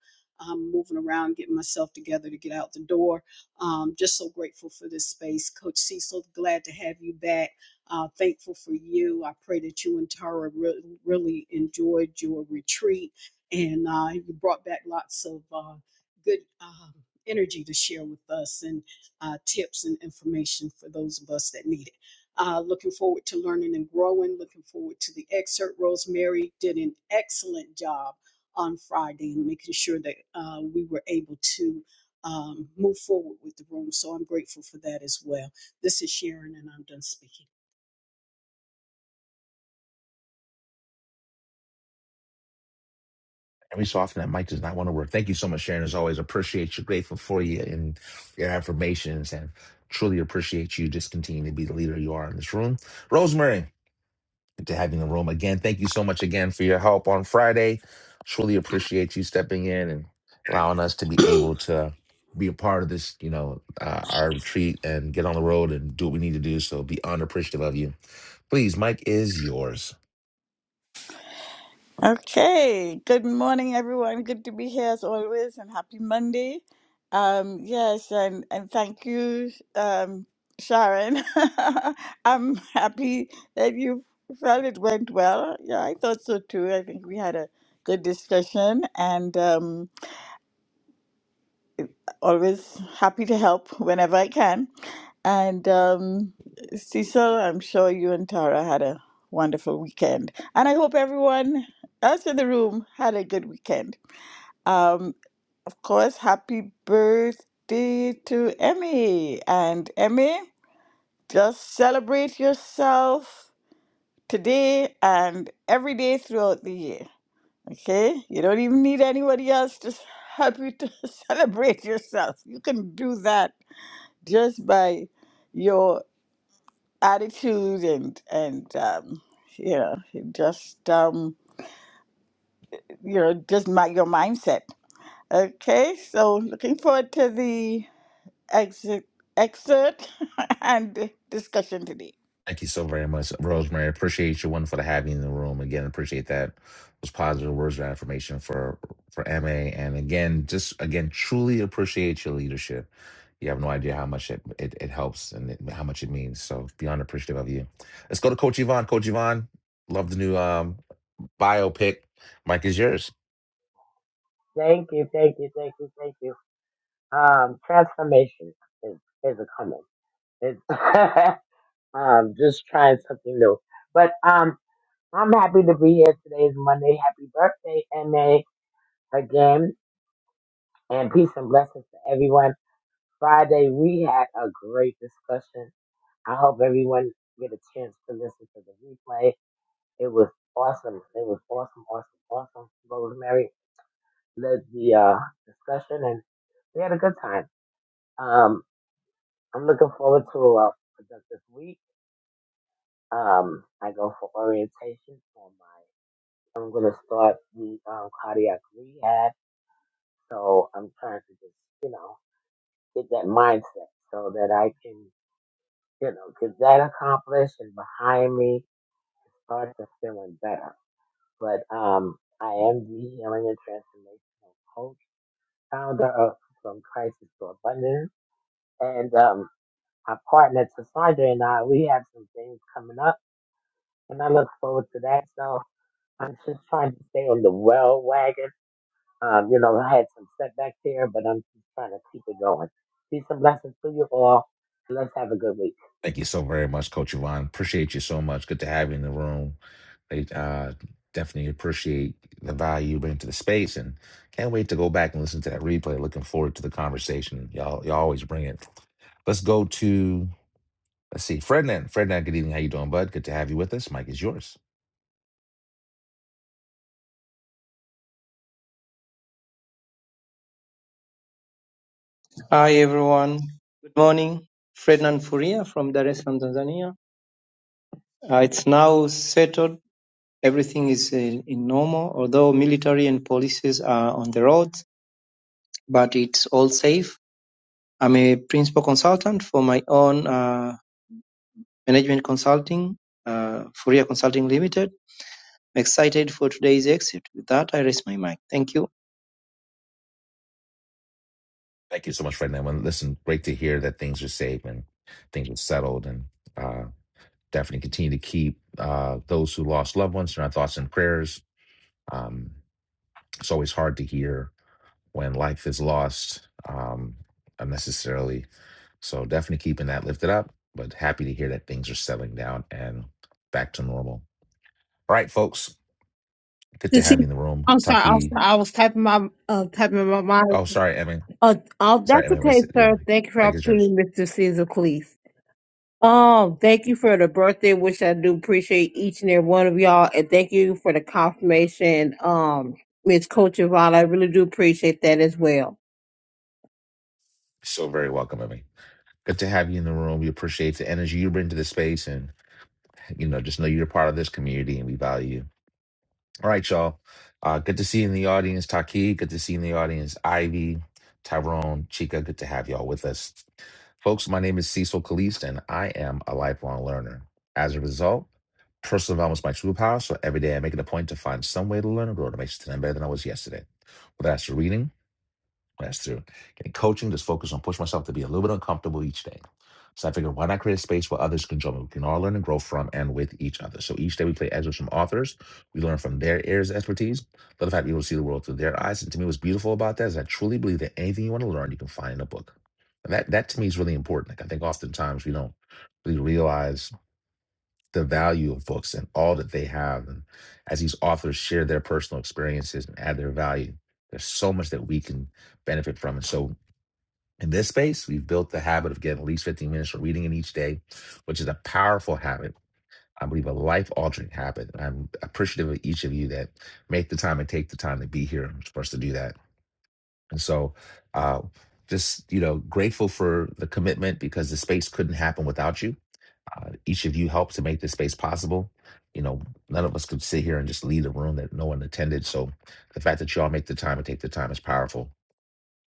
[SPEAKER 9] I'm moving around, getting myself together to get out the door. Um, just so grateful for this space. Coach Cecil, glad to have you back uh, thankful for you. I pray that you and Tara re- really enjoyed your retreat and uh, you brought back lots of uh, good um energy to share with us and uh, tips and information for those of us that need it. Uh, looking forward to learning and growing. Looking forward to the excerpt. Rosemary did an excellent job on Friday in making sure that uh, we were able to um, move forward with the room. So I'm grateful for that as well. This is Sharon, and I'm done speaking.
[SPEAKER 1] And we so often that Mike does not want to work. Thank you so much, Sharon. As always, appreciate you. Grateful for you and your affirmations and truly appreciate you. Just continue to be the leader you are in this room. Rosemary, Good to have you in the room again. Thank you so much again for your help on Friday. Truly appreciate you stepping in and allowing us to be able to be a part of this, you know, uh, our retreat and get on the road and do what we need to do. So beyond appreciative of you. Please, Mike is yours.
[SPEAKER 10] Okay, good morning, everyone. Good to be here as always, and happy Monday. Um, yes, and, and thank you, um, Sharon. I'm happy that you felt it went well. Yeah, I thought so too. I think we had a good discussion, and um, always happy to help whenever I can. And um, Cecil, I'm sure you and Tara had a wonderful weekend. And I hope everyone else in the room had a good weekend. Um, of course, happy birthday to Emmy. And Emmy, just celebrate yourself today and every day throughout the year. Okay? You don't even need anybody else to help you to celebrate yourself. You can do that just by your attitude and and um, you know, just um, you know, just my, your mindset. Okay, so looking forward to the exit, excerpt and discussion today.
[SPEAKER 1] Thank you so very much, Rosemary. Appreciate you. Wonderful to have you in the room again. Appreciate that those positive words of affirmation for for Ma. And again, just again, truly appreciate your leadership. You have no idea how much it it, it helps and it, how much it means. So beyond appreciative of you. Let's go to Coach Yvonne. Coach Yvonne, love the new um biopic. Mike is yours.
[SPEAKER 5] Thank you. Thank you. Thank you. Thank you. Um, transformation is, is a coming. It's um, just trying something new. But um, I'm happy to be here. Today is Monday. Happy birthday, MA, again. And peace and blessings to everyone. Friday, we had a great discussion I hope everyone get a chance to listen to the replay. It was awesome. It was awesome, awesome, awesome. Rosemary led the uh, discussion and we had a good time. Um, I'm looking forward to a productive week. Um, I go for orientation for my, I'm going to start the um, cardiac rehab. So I'm trying to just, you know, get that mindset so that I can, you know, get that accomplished and behind me start to feeling better. but um, I am the healing and transformational coach, founder of From Crisis to Abundance, and um, my partner Cassandra, and I, we have some things coming up, and I look forward to that. So I'm just trying to stay on the well wagon. Um, you know, I had some setbacks here, but I'm just trying to keep it going. Peace and blessings to you all. Let's have a good week.
[SPEAKER 1] Thank you so very much, Coach Yvonne. Appreciate you so much. Good to have you in the room. I uh, definitely appreciate the value you bring to the space and can't wait to go back and listen to that replay. Looking forward to the conversation. Y'all, y'all always bring it. Let's go to, let's see, Frednan. Frednan, good evening. How you doing, bud? Good to have you with us. Mike is yours.
[SPEAKER 11] Hi everyone. Good morning. Frednan Furia from Dar es Salaam, Tanzania. Uh, it's now settled. Everything is in, in normal, although military and polices are on the roads, but it's all safe. I'm a principal consultant for my own uh, management consulting, uh, Furia Consulting Limited. I'm excited for today's exit. With that, I raise my mic. Thank you.
[SPEAKER 1] Thank you so much, Frednan. Well, listen, great to hear that things are safe and things are settled and uh, definitely continue to keep uh, those who lost loved ones in our thoughts and prayers. Um, it's always hard to hear when life is lost um, unnecessarily. So definitely keeping that lifted up, but happy to hear that things are settling down and back to normal. All right, folks, good
[SPEAKER 3] To
[SPEAKER 1] to
[SPEAKER 3] see,
[SPEAKER 1] have you in the room.
[SPEAKER 3] I'm sorry, I'm
[SPEAKER 1] Taki,
[SPEAKER 3] sorry, I was typing my uh, typing in my mind.
[SPEAKER 1] oh, sorry, Emmy.
[SPEAKER 3] Uh, oh,
[SPEAKER 1] Sorry,
[SPEAKER 3] that's
[SPEAKER 1] Emmy, I missed
[SPEAKER 3] okay,
[SPEAKER 1] it. Your
[SPEAKER 3] sir.
[SPEAKER 1] mic.
[SPEAKER 3] Thank you for the
[SPEAKER 1] Mic is yours.
[SPEAKER 3] opportunity, Mr. Caesar Cleese. Oh, thank you for the birthday wish. I do appreciate each and every one of y'all, and thank you for the confirmation, um, Miss Coach Yvonne. I really do appreciate that as well.
[SPEAKER 1] So very welcome, Emmy. Good to have you in the room. We appreciate the energy you bring to the space and, you know, just know you're part of this community and we value you. All right, y'all. Uh, good to see you in the audience, Taki. Good to see you in the audience, Ivy, Tyrone, Chica. Good to have y'all with us. Folks, my name is Cecil Kalist, and I am a lifelong learner. As a result, personal development is my true power, so every day I make it a point to find some way to learn and grow to make today better than I was yesterday. Whether that's reading, that's true. And coaching, just focus on push myself to be a little bit uncomfortable each day. So I figured, why not create a space where others can join me? We can all learn and grow from and with each other. So each day we play excerpts from authors. We learn from their areas of expertise. But the fact we will see the world through their eyes. And to me, what's beautiful about that is I truly believe that anything you want to learn, you can find in a book. And that, that to me is really important. Like I think oftentimes we don't really realize the value of books and all that they have. And as these authors share their personal experiences and add their value, there's so much that we can benefit from. And so in this space, we've built the habit of getting at least 15 minutes for reading in each day, which is a powerful habit. I believe a life altering habit. And I'm appreciative of each of you that make the time and take the time to be here for us to do that. And so, uh, just, you know, grateful for the commitment because the space couldn't happen without you uh, each of you helped to make this space possible. You know, none of us could sit here and just leave a room that no one attended. So the fact that you all make the time and take the time is powerful.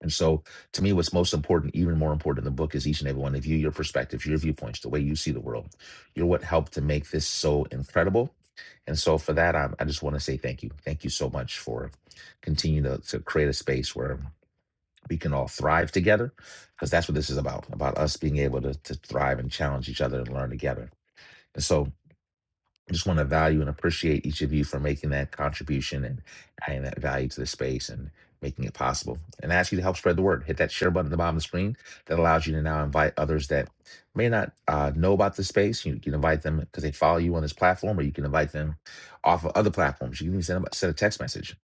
[SPEAKER 1] And so to me, what's most important, even more important in the book, is each and every one of you, your perspectives, your viewpoints, the way you see the world. You're what helped to make this so incredible. And so for that, I, I just want to say thank you. Thank you so much for continuing to, to create a space where we can all thrive together, because that's what this is about, about us being able to, to thrive and challenge each other and learn together. And so I just want to value and appreciate each of you for making that contribution and adding that value to the space and making it possible. And I ask you to help spread the word. Hit that share button at the bottom of the screen that allows you to now invite others that may not uh, know about the space. You can invite them because they follow you on this platform, or you can invite them off of other platforms. You can even send, them, send a text message.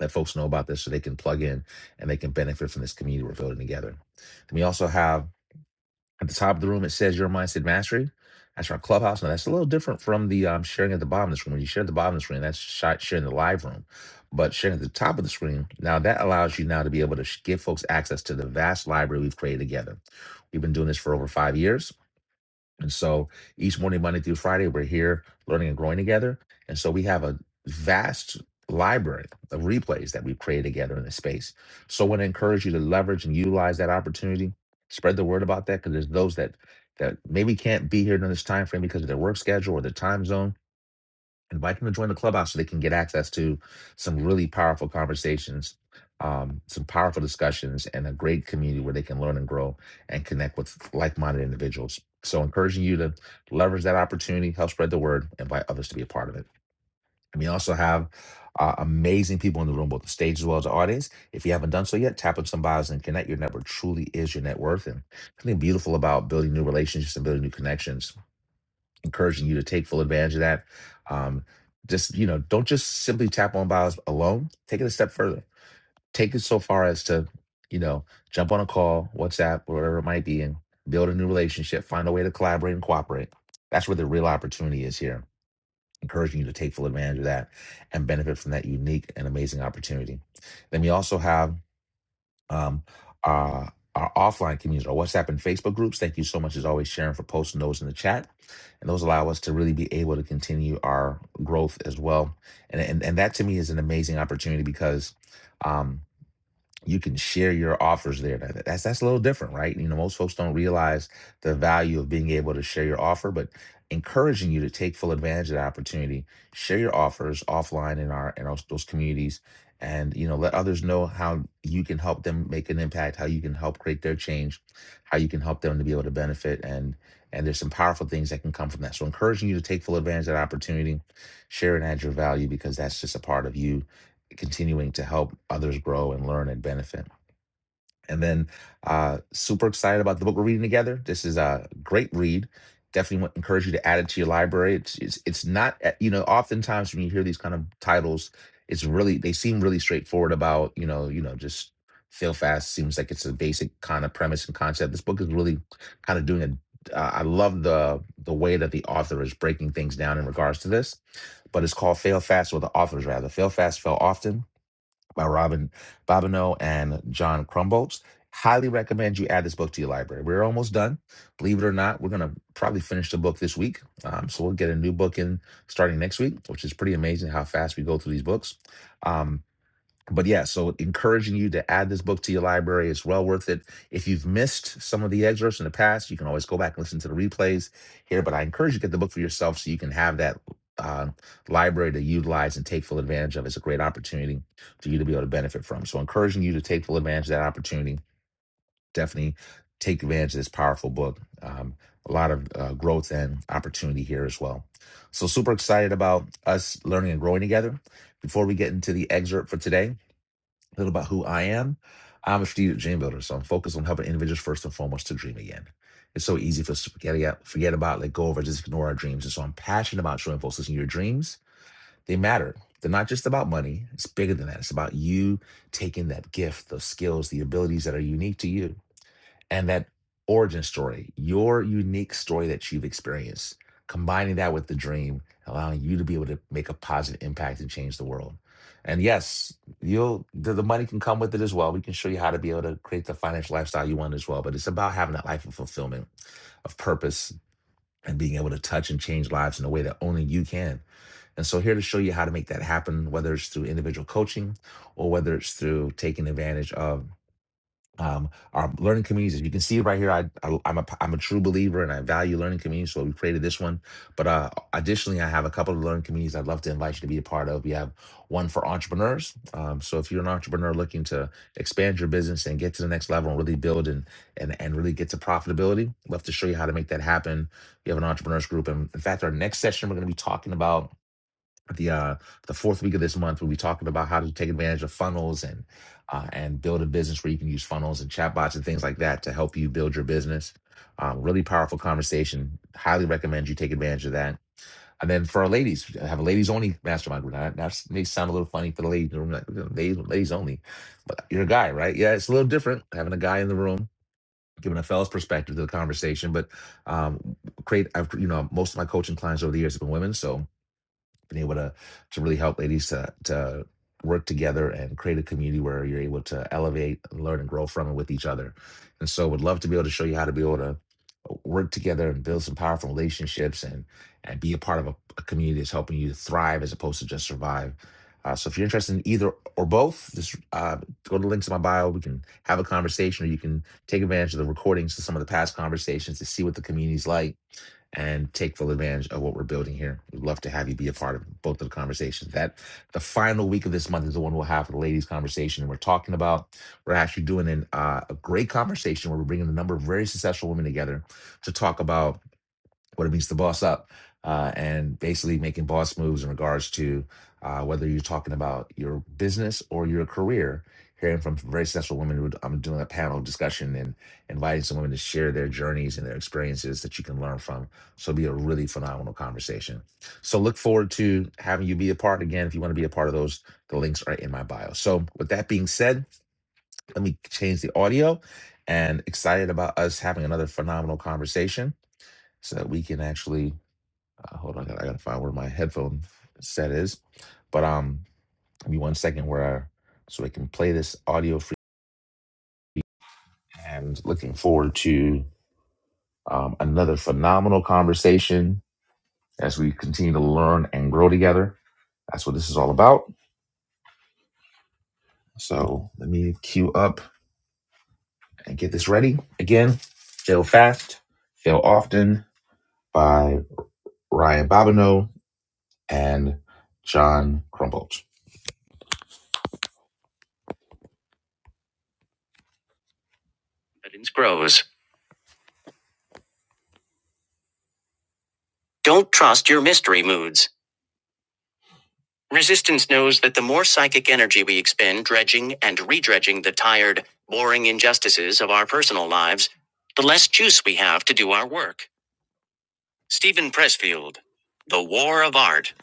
[SPEAKER 1] Let folks know about this so they can plug in and they can benefit from this community we're building together. And we also have at the top of the room, it says your mindset mastery. That's our clubhouse. Now, that's a little different from the um, sharing at the bottom of the screen. When you share at the bottom of the screen, that's shi- sharing the live room. But sharing at the top of the screen, now that allows you now to be able to sh- give folks access to the vast library we've created together. We've been doing this for over five years and so each morning, Monday through Friday, we're here learning and growing together. And so we have a vast library of replays that we've created together in this space. So I want to encourage you to leverage and utilize that opportunity. Spread the word about that because there's those that that maybe can't be here during this time frame because of their work schedule or their time zone invite them to join the clubhouse so they can get access to some really powerful conversations, um, some powerful discussions, and a great community where they can learn and grow and connect with like-minded individuals. So, encouraging you to leverage that opportunity, help spread the word, invite others to be a part of it. And we also have uh, amazing people in the room, both the stage as well as the audience. If you haven't done so yet, tap on some bios and connect. Your network truly is your net worth, and something beautiful about building new relationships and building new connections encouraging you to take full advantage of that. Um, just you know, don't just simply tap on bios alone. Take it a step further. Take it so far as to, you know, jump on a call, WhatsApp, or whatever it might be, and build a new relationship. Find a way to collaborate and cooperate. That's where the real opportunity is here. Encouraging you to take full advantage of that and benefit from that unique and amazing opportunity. Then we also have um, our, our offline communities, our WhatsApp and Facebook groups. Thank you so much, as always, Sharon, for posting those in the chat. And those allow us to really be able to continue our growth as well. And, and, and that to me is an amazing opportunity because. um you can share your offers there. That- That's that's a little different, right? You know, most folks don't realize the value of being able to share your offer, but encouraging you to take full advantage of that opportunity, share your offers offline in our in our, those communities, and you know, let others know how you can help them make an impact, how you can help create their change, how you can help them to be able to benefit, and and there's some powerful things that can come from that. So, encouraging you to take full advantage of that opportunity, share and add your value because that's just a part of you continuing to help others grow and learn and benefit. And then, uh, super excited about the book we're reading together. This is a great read. Definitely want, encourage you to add it to your library. It's, it's it's not uh, you know oftentimes when you hear these kind of titles, it's really they seem really straightforward about you know you know just fail fast seems like it's a basic kind of premise and concept. This book is really kind of doing a. Uh, I love the the way that the author is breaking things down in regards to this, but it's called Fail Fast, or the authors rather Fail Fast, Fail Often by Robin Bobineau and John Crumbolts. Highly recommend you add this book to your library. We're almost done. Believe it or not, we're going to probably finish the book this week. Um, so we'll get a new book in starting next week, which is pretty amazing how fast we go through these books. Um, but yeah, so encouraging you to add this book to your library. is well worth it. If you've missed some of the excerpts in the past, you can always go back and listen to the replays here. But I encourage you to get the book for yourself so you can have that uh, library to utilize and take full advantage of. It's a great opportunity for you to be able to benefit from. So, encouraging you to take full advantage of that opportunity. Definitely take advantage of this powerful book. Um, a lot of uh, growth and opportunity here as well. So, super excited about us learning and growing together. Before we get into the excerpt for today, a little about who I am. I'm a strategic dream builder, so I'm focused on helping individuals first and foremost to dream again. It's so easy for us to forget, about- forget about, let go of, or just ignore our dreams. And so I'm passionate about showing folks, listen, your dreams, they matter. They're not just about money. It's bigger than that. It's about you taking that gift, those skills, the abilities that are unique to you and that origin story, your unique story that you've experienced, combining that with the dream, allowing you to be able to make a positive impact and change the world. And yes, you'll the, the money can come with it as well. We can show you how to be able to create the financial lifestyle you want as well. But it's about having that life of fulfillment, of purpose, and being able to touch and change lives in a way that only you can. And so here to show you how to make that happen, whether it's through individual coaching or whether it's through taking advantage of um, our learning communities. As you can see right here, I, I I'm a I'm a true believer and I value learning communities, so we created this one. But uh, additionally, I have a couple of learning communities I'd love to invite you to be a part of. We have one for entrepreneurs. Um, so if you're an entrepreneur looking to expand your business and get to the next level and really build and and and really get to profitability, I'd love to show you how to make that happen. We have an entrepreneurs group, and in fact, our next session we're going to be talking about the uh the fourth week of this month we'll be talking about how to take advantage of funnels and uh, and build a business where you can use funnels and chatbots and things like that to help you build your business um, really powerful conversation highly recommend you take advantage of that and then for our ladies I have a ladies only mastermind group Now, that may sound a little funny for the ladies in the room like, you know, ladies, ladies only but you're a guy right yeah it's a little different having a guy in the room giving a fella's perspective to the conversation but um create i've you know most of my coaching clients over the years have been women so been able to to really help ladies to to work together and create a community where you're able to elevate, learn, and grow from and with each other. And so, would love to be able to show you how to be able to uh, work together and build some powerful relationships and and be a part of a, a community that's helping you thrive as opposed to just survive. Uh, so if you're interested in either or both, just uh, go to the links in my bio. We can have a conversation, or you can take advantage of the recordings of some of the past conversations to see what the community's like and take full advantage of what we're building here. We'd love to have you be a part of both of the conversations. That the final week of this month is the one we'll have for the ladies' conversation, and we're talking about we're actually doing an, uh, a great conversation where we're bringing a number of very successful women together to talk about what it means to boss up, uh, and basically making boss moves in regards to uh, whether you're talking about your business or your career. Hearing from very successful women, who I'm doing a panel discussion and inviting some women to share their journeys and their experiences that you can learn from. So it'll be a really phenomenal conversation. So look forward to having you be a part again. If you want to be a part of those, the links are in my bio. So with that being said, let me change the audio and excited about us having another phenomenal conversation so that we can actually uh, hold on, I gotta, I gotta find where my headphone set is. But um, give me one second where I, so I can play this audio for you. And looking forward to um, another phenomenal conversation as we continue to learn and grow together. That's what this is all about. So let me queue up and get this ready. Again, Fail Fast, Fail Often by Ryan Babineau and John Crumbolt. Confidence grows. Don't trust your mystery moods. Resistance knows that the more psychic energy we expend dredging and redredging the tired, boring injustices of our personal lives, the less juice we have to do our work. Stephen Pressfield, The War of Art.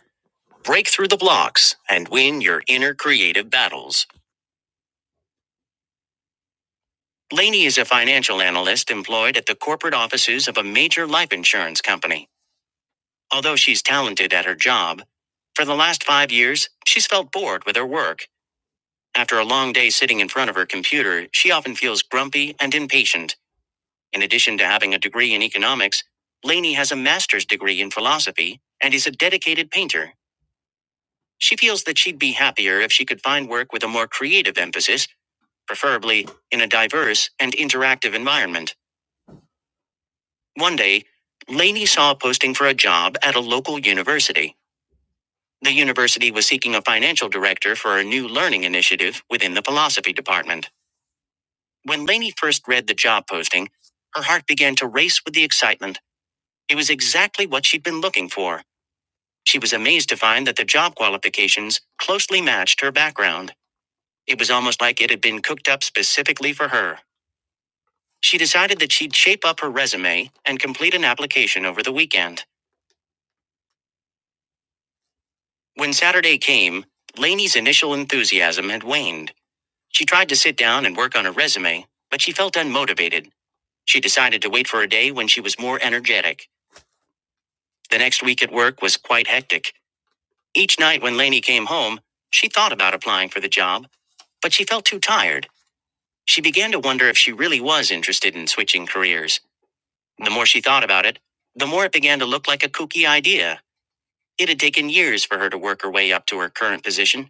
[SPEAKER 1] Break through the blocks and win your inner creative battles. Laney is a financial analyst employed at the corporate offices of a major life insurance company. Although she's talented at her job, for the last five years, she's felt bored with her work After a long day sitting in front of her computer, she often feels grumpy and impatient. In addition to having a degree in economics, Lainey has a master's degree in philosophy and is a dedicated painter. She feels that she'd be happier if she could find work with a more creative emphasis, preferably in a diverse and interactive environment. One day, Lainey saw a posting for a job at a local university. The university was seeking a financial director for a new learning initiative within the philosophy department. When Lainey first read the job posting, her heart began to race with the excitement. It was exactly what she'd been looking for. She was amazed to find that the job qualifications closely matched her background. It was almost like it had been cooked up specifically for her. She decided that she'd shape up her resume and complete an application over the weekend. When Saturday came, Lainey's initial enthusiasm had waned. She tried to sit down and work on her resume, but she felt unmotivated. She decided to wait for a day when she was more energetic. The next week at work was quite hectic. Each night when Lainey came home, she thought about applying for the job, but she felt too tired. She began to wonder if she really was interested in switching careers. The more she thought about it, the more it began to look like a kooky idea. It had taken years for her to work her way up to her current position,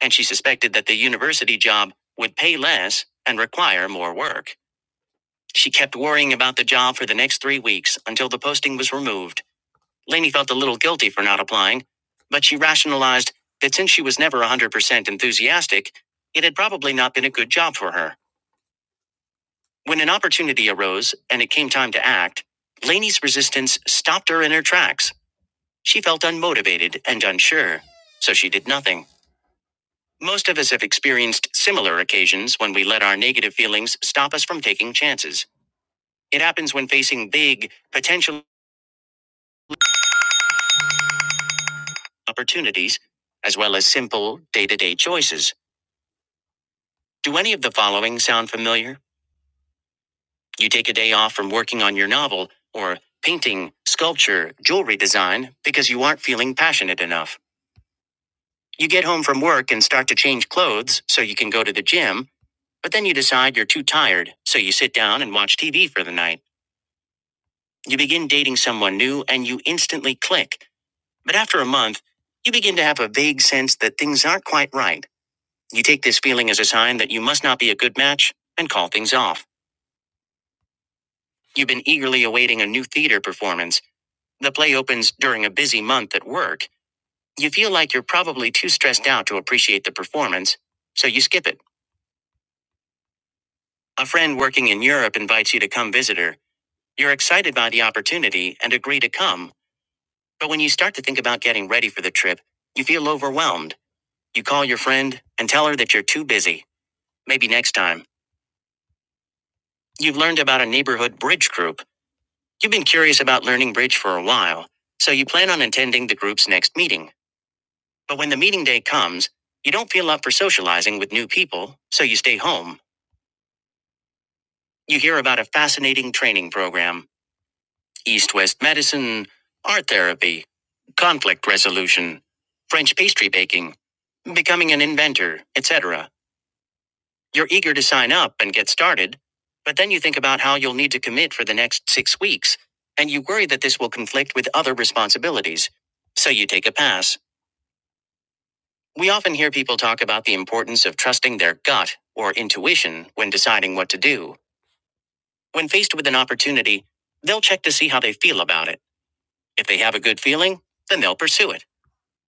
[SPEAKER 1] and she suspected that the university job would pay less and require more work. She kept worrying about the job for the next three weeks until the posting was removed. Lainey felt a little guilty for not applying, but she rationalized that since she was never 100% enthusiastic, it had probably not been a good job for her. When an opportunity arose and it came time to act, Lainey's resistance stopped her in her tracks. She felt unmotivated and unsure, so she did nothing. Most of us have experienced similar occasions when we let our negative feelings stop us from taking chances. It happens when facing big, potential opportunities, as well as simple, day to day choices. Do any of the following sound familiar? You take a day off from working on your novel, or painting, sculpture, jewelry design, because you aren't feeling passionate enough. You get home from work and start to change clothes so you can go to the gym, but then you decide you're too tired, so you sit down and watch TV for the night. You begin dating someone new and you instantly click. But after a month, you begin to have a vague sense that things aren't quite right. You take this feeling as a sign that you must not be a good match and call things off. You've been eagerly awaiting a new theater performance. The play opens during a busy month at work. You feel like you're probably too stressed out to appreciate the performance, so you skip it. A friend working in Europe invites you to come visit her. You're excited by the opportunity and agree to come, but when you start to think about getting ready for the trip, you feel overwhelmed. You call your friend and tell her that you're too busy. Maybe next time. You've learned about a neighborhood bridge group. You've been curious about learning bridge for a while, so you plan on attending the group's next meeting. But when the meeting day comes, you don't feel up for socializing with new people, so you stay home. You hear about a fascinating training program East West medicine, art therapy, conflict resolution, French pastry baking, becoming an inventor, etc. You're eager to sign up and get started, but then you think about how you'll need to commit for the next six weeks, and you worry that this will conflict with other responsibilities. So you take a pass. We often hear people talk about the importance of trusting their gut or intuition when deciding what to do. When faced with an opportunity, they'll check to see how they feel about it. If they have a good feeling, then they'll pursue it.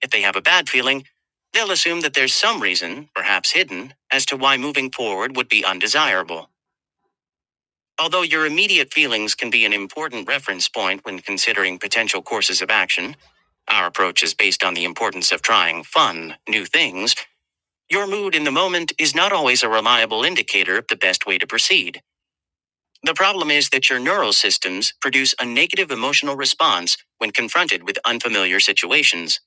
[SPEAKER 1] If they have a bad feeling, they'll assume that there's some reason, perhaps hidden, as to why moving forward would be undesirable. Although your immediate feelings can be an important reference point when considering potential courses of action, our approach is based on the importance of trying fun, new things Your mood in the moment is not always a reliable indicator of the best way to proceed. The problem is that your neural systems produce a negative emotional response when confronted with unfamiliar situations.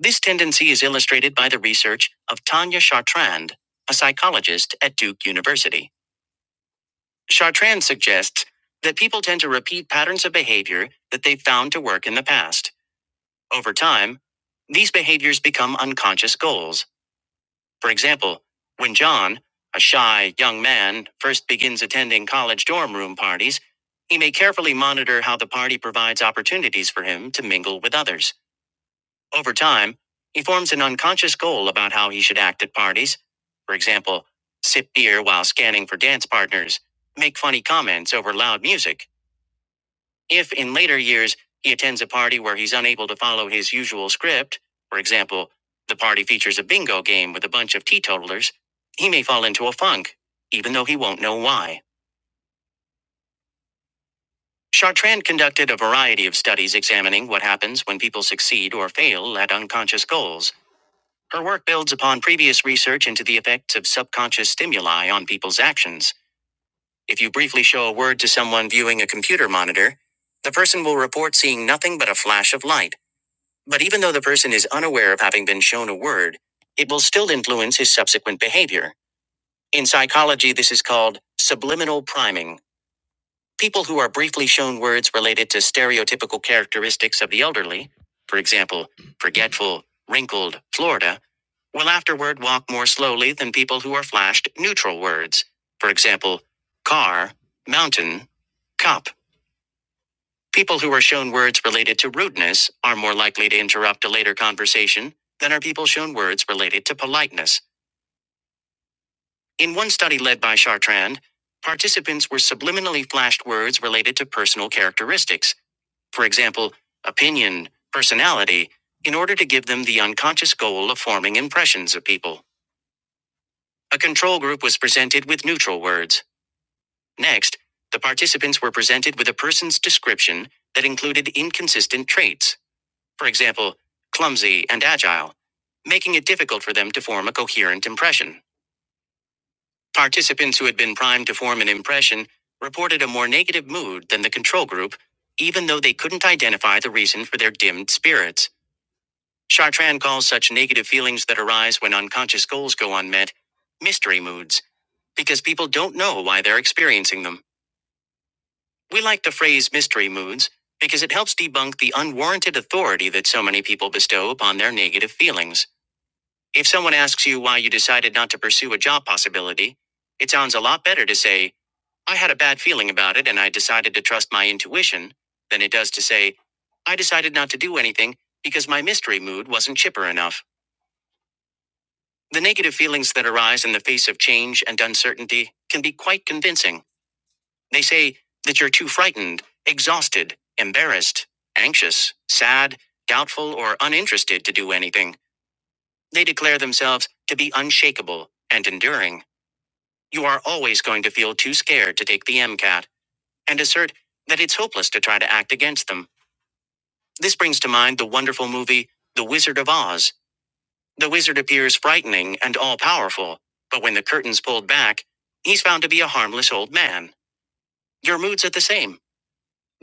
[SPEAKER 1] This tendency is illustrated by the research of Tanya Chartrand, a psychologist at Duke University. Chartrand suggests that people tend to repeat patterns of behavior that they've found to work in the past. Over time, these behaviors become unconscious goals For example, when John, a shy young man, first begins attending college dorm room parties, he may carefully monitor how the party provides opportunities for him to mingle with others. Over time, he forms an unconscious goal about how he should act at parties. For example, sip beer while scanning for dance partners, make funny comments over loud music, if in later years he attends a party where he's unable to follow his usual script, for example, the party features a bingo game with a bunch of teetotalers, he may fall into a funk, even though he won't know why. Chartrand conducted a variety of studies examining what happens when people succeed or fail at unconscious goals. Her work builds upon previous research into the effects of subconscious stimuli on people's actions. If you briefly show a word to someone viewing a computer monitor, the person will report seeing nothing but a flash of light. But even though the person is unaware of having been shown a word, it will still influence his subsequent behavior. In psychology, this is called subliminal priming. People who are briefly shown words related to stereotypical characteristics of the elderly, for example, forgetful, wrinkled, Florida, will afterward walk more slowly than people who are flashed neutral words, for example, car, mountain, cup. People who are shown words related to rudeness are more likely to interrupt a later conversation than are people shown words related to politeness. In one study led by Chartrand, participants were subliminally flashed words related to personal characteristics, for example, opinion, personality, in order to give them the unconscious goal of forming impressions of people. A control group was presented with neutral words. Next, the participants were presented with a person's description that included inconsistent traits. For example, clumsy and agile, making it difficult for them to form a coherent impression. Participants who had been primed to form an impression reported a more negative mood than the control group, even though they couldn't identify the reason for their dimmed spirits. Chartrand calls such negative feelings that arise when unconscious goals go unmet mystery moods, because people don't know why they're experiencing them. We like the phrase mystery moods because it helps debunk the unwarranted authority that so many people bestow upon their negative feelings. If someone asks you why you decided not to pursue a job possibility, it sounds a lot better to say, I had a bad feeling about it and I decided to trust my intuition, than it does to say, I decided not to do anything because my mystery mood wasn't chipper enough. The negative feelings that arise in the face of change and uncertainty can be quite convincing. They say that you're too frightened, exhausted, embarrassed, anxious, sad, doubtful, or uninterested to do anything. They declare themselves to be unshakable and enduring. You are always going to feel too scared to take the MCAT and assert that it's hopeless to try to act against them. This brings to mind the wonderful movie The Wizard of Oz. The wizard appears frightening and all powerful, but when the curtain's pulled back, he's found to be a harmless old man. Your moods are the same.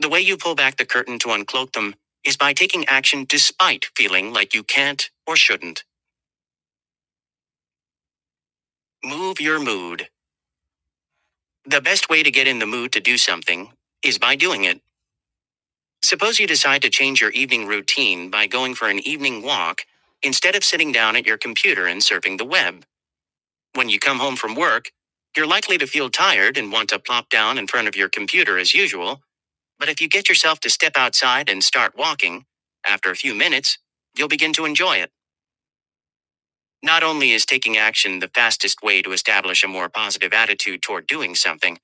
[SPEAKER 1] The way you pull back the curtain to uncloak them is by taking action despite feeling like you can't or shouldn't. Move your mood. The best way to get in the mood to do something is by doing it. Suppose you decide to change your evening routine by going for an evening walk instead of sitting down at your computer and surfing the web. When you come home from work, you're likely to feel tired and want to plop down in front of your computer as usual. But if you get yourself to step outside and start walking, after a few minutes, you'll begin to enjoy it. Not only is taking action the fastest way to establish a more positive attitude toward doing something,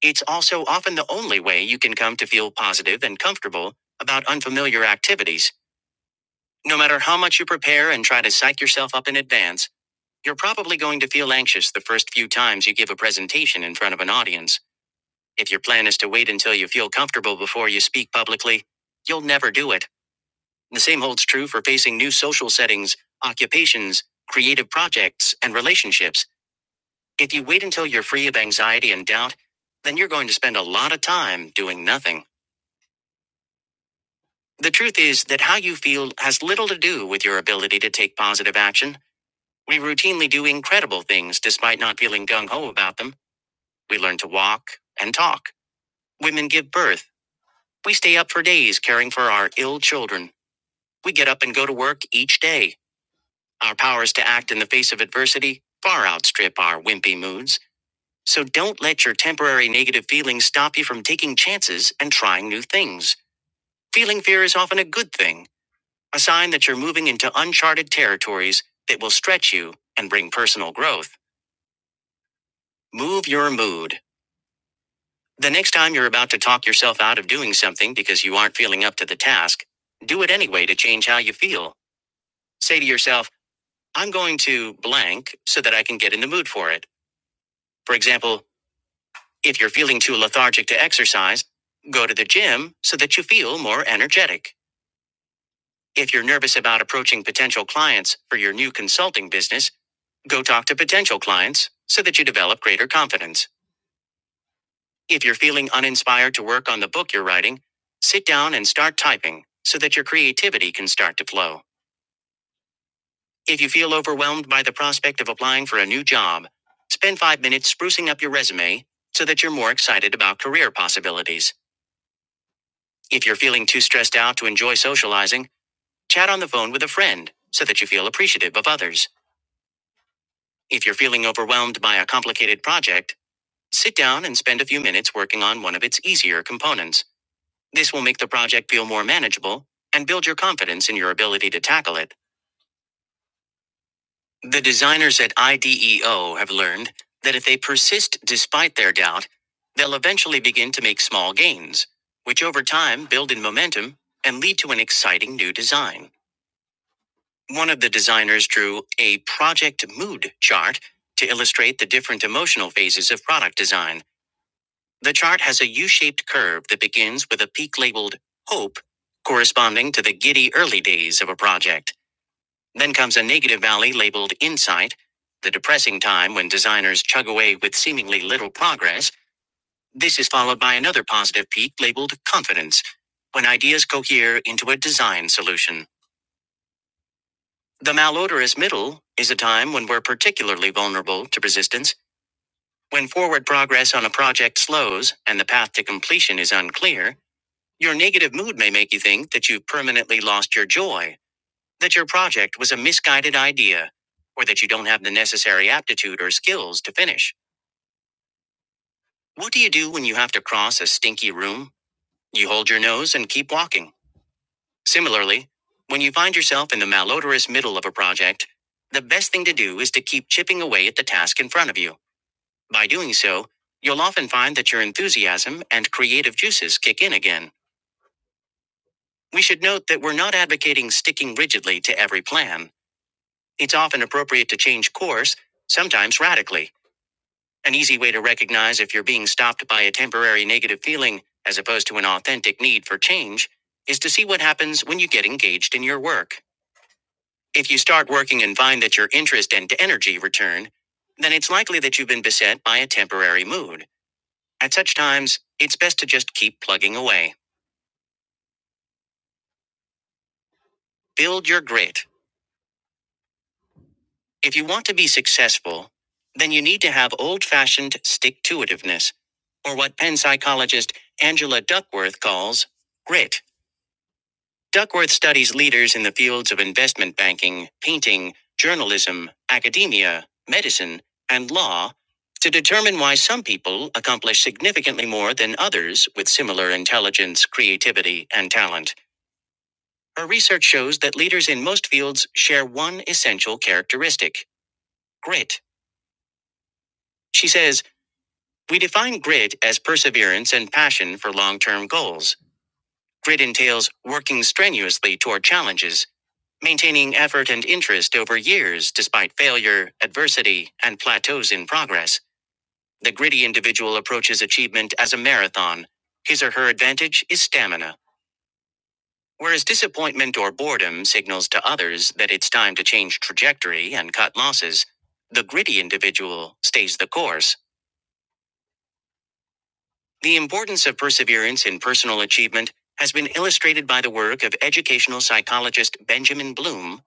[SPEAKER 1] it's also often the only way you can come to feel positive and comfortable about unfamiliar activities. No matter how much you prepare and try to psych yourself up in advance, you're probably going to feel anxious the first few times you give a presentation in front of an audience. If your plan is to wait until you feel comfortable before you speak publicly, you'll never do it. The same holds true for facing new social settings, occupations, creative projects, and relationships. If you wait until you're free of anxiety and doubt, then you're going to spend a lot of time doing nothing. The truth is that how you feel has little to do with your ability to take positive action. We routinely do incredible things despite not feeling gung ho about them. We learn to walk and talk. Women give birth. We stay up for days caring for our ill children. We get up and go to work each day. Our powers to act in the face of adversity far outstrip our wimpy moods. So don't let your temporary negative feelings stop you from taking chances and trying new things. Feeling fear is often a good thing, a sign that you're moving into uncharted territories that will stretch you and bring personal growth. Move your mood. The next time you're about to talk yourself out of doing something because you aren't feeling up to the task, do it anyway to change how you feel. Say to yourself, I'm going to blank so that I can get in the mood for it. For example, if you're feeling too lethargic to exercise, go to the gym so that you feel more energetic. If you're nervous about approaching potential clients for your new consulting business, go talk to potential clients so that you develop greater confidence. If you're feeling uninspired to work on the book you're writing, sit down and start typing so that your creativity can start to flow. If you feel overwhelmed by the prospect of applying for a new job, spend five minutes sprucing up your resume so that you're more excited about career possibilities. If you're feeling too stressed out to enjoy socializing, chat on the phone with a friend so that you feel appreciative of others. If you're feeling overwhelmed by a complicated project, sit down and spend a few minutes working on one of its easier components. This will make the project feel more manageable and build your confidence in your ability to tackle it. The designers at IDEO have learned that if they persist despite their doubt, they'll eventually begin to make small gains, which over time build in momentum and lead to an exciting new design. One of the designers drew a project mood chart to illustrate the different emotional phases of product design. The chart has a U shaped curve that begins with a peak labeled hope, corresponding to the giddy early days of a project. Then comes a negative valley labeled insight, the depressing time when designers chug away with seemingly little progress. This is followed by another positive peak labeled confidence, when ideas cohere into a design solution. The malodorous middle is a time when we're particularly vulnerable to resistance, when forward progress on a project slows and the path to completion is unclear. Your negative mood may make you think that you've permanently lost your joy, that your project was a misguided idea, or that you don't have the necessary aptitude or skills to finish. What do you do when you have to cross a stinky room? You hold your nose and keep walking. Similarly, when you find yourself in the malodorous middle of a project, the best thing to do is to keep chipping away at the task in front of you. By doing so, you'll often find that your enthusiasm and creative juices kick in again. We should note that we're not advocating sticking rigidly to every plan. It's often appropriate to change course, sometimes radically. An easy way to recognize if you're being stopped by a temporary negative feeling, as opposed to an authentic need for change, is to see what happens when you get engaged in your work. If you start working and find that your interest and energy return, then it's likely that you've been beset by a temporary mood. At such times, it's best to just keep plugging away. Build your grit. If you want to be successful, then you need to have old fashioned stick to itiveness, or what Penn psychologist Angela Duckworth calls grit. Duckworth studies leaders in the fields of investment banking, painting, journalism, academia, medicine, and law to determine why some people accomplish significantly more than others with similar intelligence, creativity, and talent. Her research shows that leaders in most fields share one essential characteristic grit. She says, We define grit as perseverance and passion for long term goals. Grit entails working strenuously toward challenges, maintaining effort and interest over years despite failure, adversity, and plateaus in progress. The gritty individual approaches achievement as a marathon. His or her advantage is stamina. Whereas disappointment or boredom signals to others that it's time to change trajectory and cut losses, the gritty individual stays the course. The importance of perseverance in personal achievement has been illustrated by the work of educational psychologist Benjamin Bloom,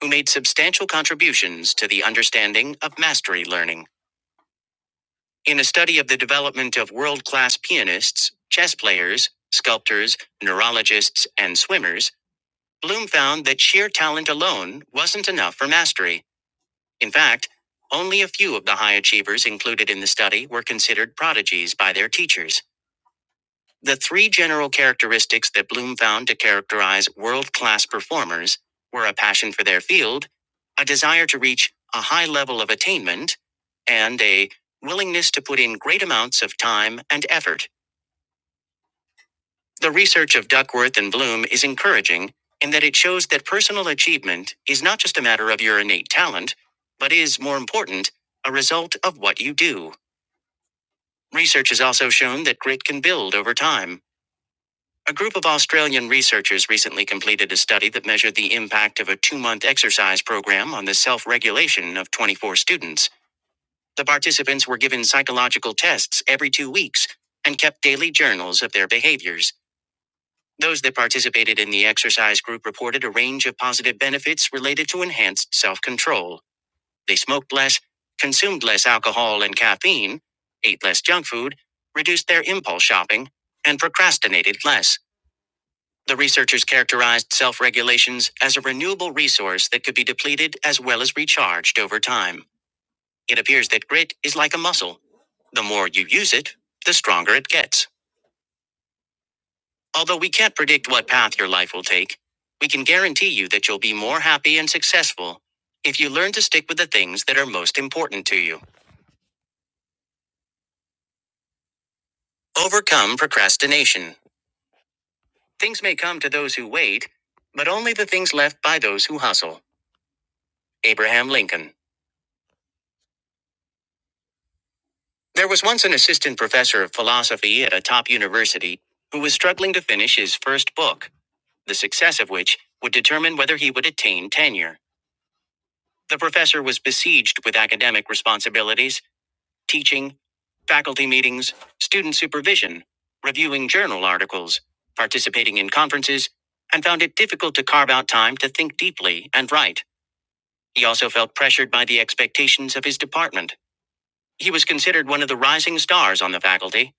[SPEAKER 1] who made substantial contributions to the understanding of mastery learning. In a study of the development of world class pianists, chess players, sculptors, neurologists, and swimmers, Bloom found that sheer talent alone wasn't enough for mastery. In fact, only a few of the high achievers included in the study were considered prodigies by their teachers. The three general characteristics that Bloom found to characterize world class performers were a passion for their field, a desire to reach a high level of attainment, and a willingness to put in great amounts of time and effort. The research of Duckworth and Bloom is encouraging in that it shows that personal achievement is not just a matter of your innate talent, but is, more important, a result of what you do. Research has also shown that grit can build over time. A group of Australian researchers recently completed a study that measured the impact of a two month exercise program on the self regulation of 24 students. The participants were given psychological tests every two weeks and kept daily journals of their behaviors. Those that participated in the exercise group reported a range of positive benefits related to enhanced self control. They smoked less, consumed less alcohol and caffeine, ate less junk food, reduced their impulse shopping, and procrastinated less. The researchers characterized self regulations as a renewable resource that could be depleted as well as recharged over time. It appears that grit is like a muscle. The more you use it, the stronger it gets. Although we can't predict what path your life will take, we can guarantee you that you'll be more happy and successful if you learn to stick with the things that are most important to you. Overcome procrastination. Things may come to those who wait, but only the things left by those who hustle. Abraham Lincoln. There was once an assistant professor of philosophy at a top university who was struggling to finish his first book, the success of which would determine whether he would attain tenure. The professor was besieged with academic responsibilities, teaching, faculty meetings, student supervision, reviewing journal articles, participating in conferences, and found it difficult to carve out time to think deeply and write. He also felt pressured by the expectations of his department. He was considered one of the rising stars on the faculty,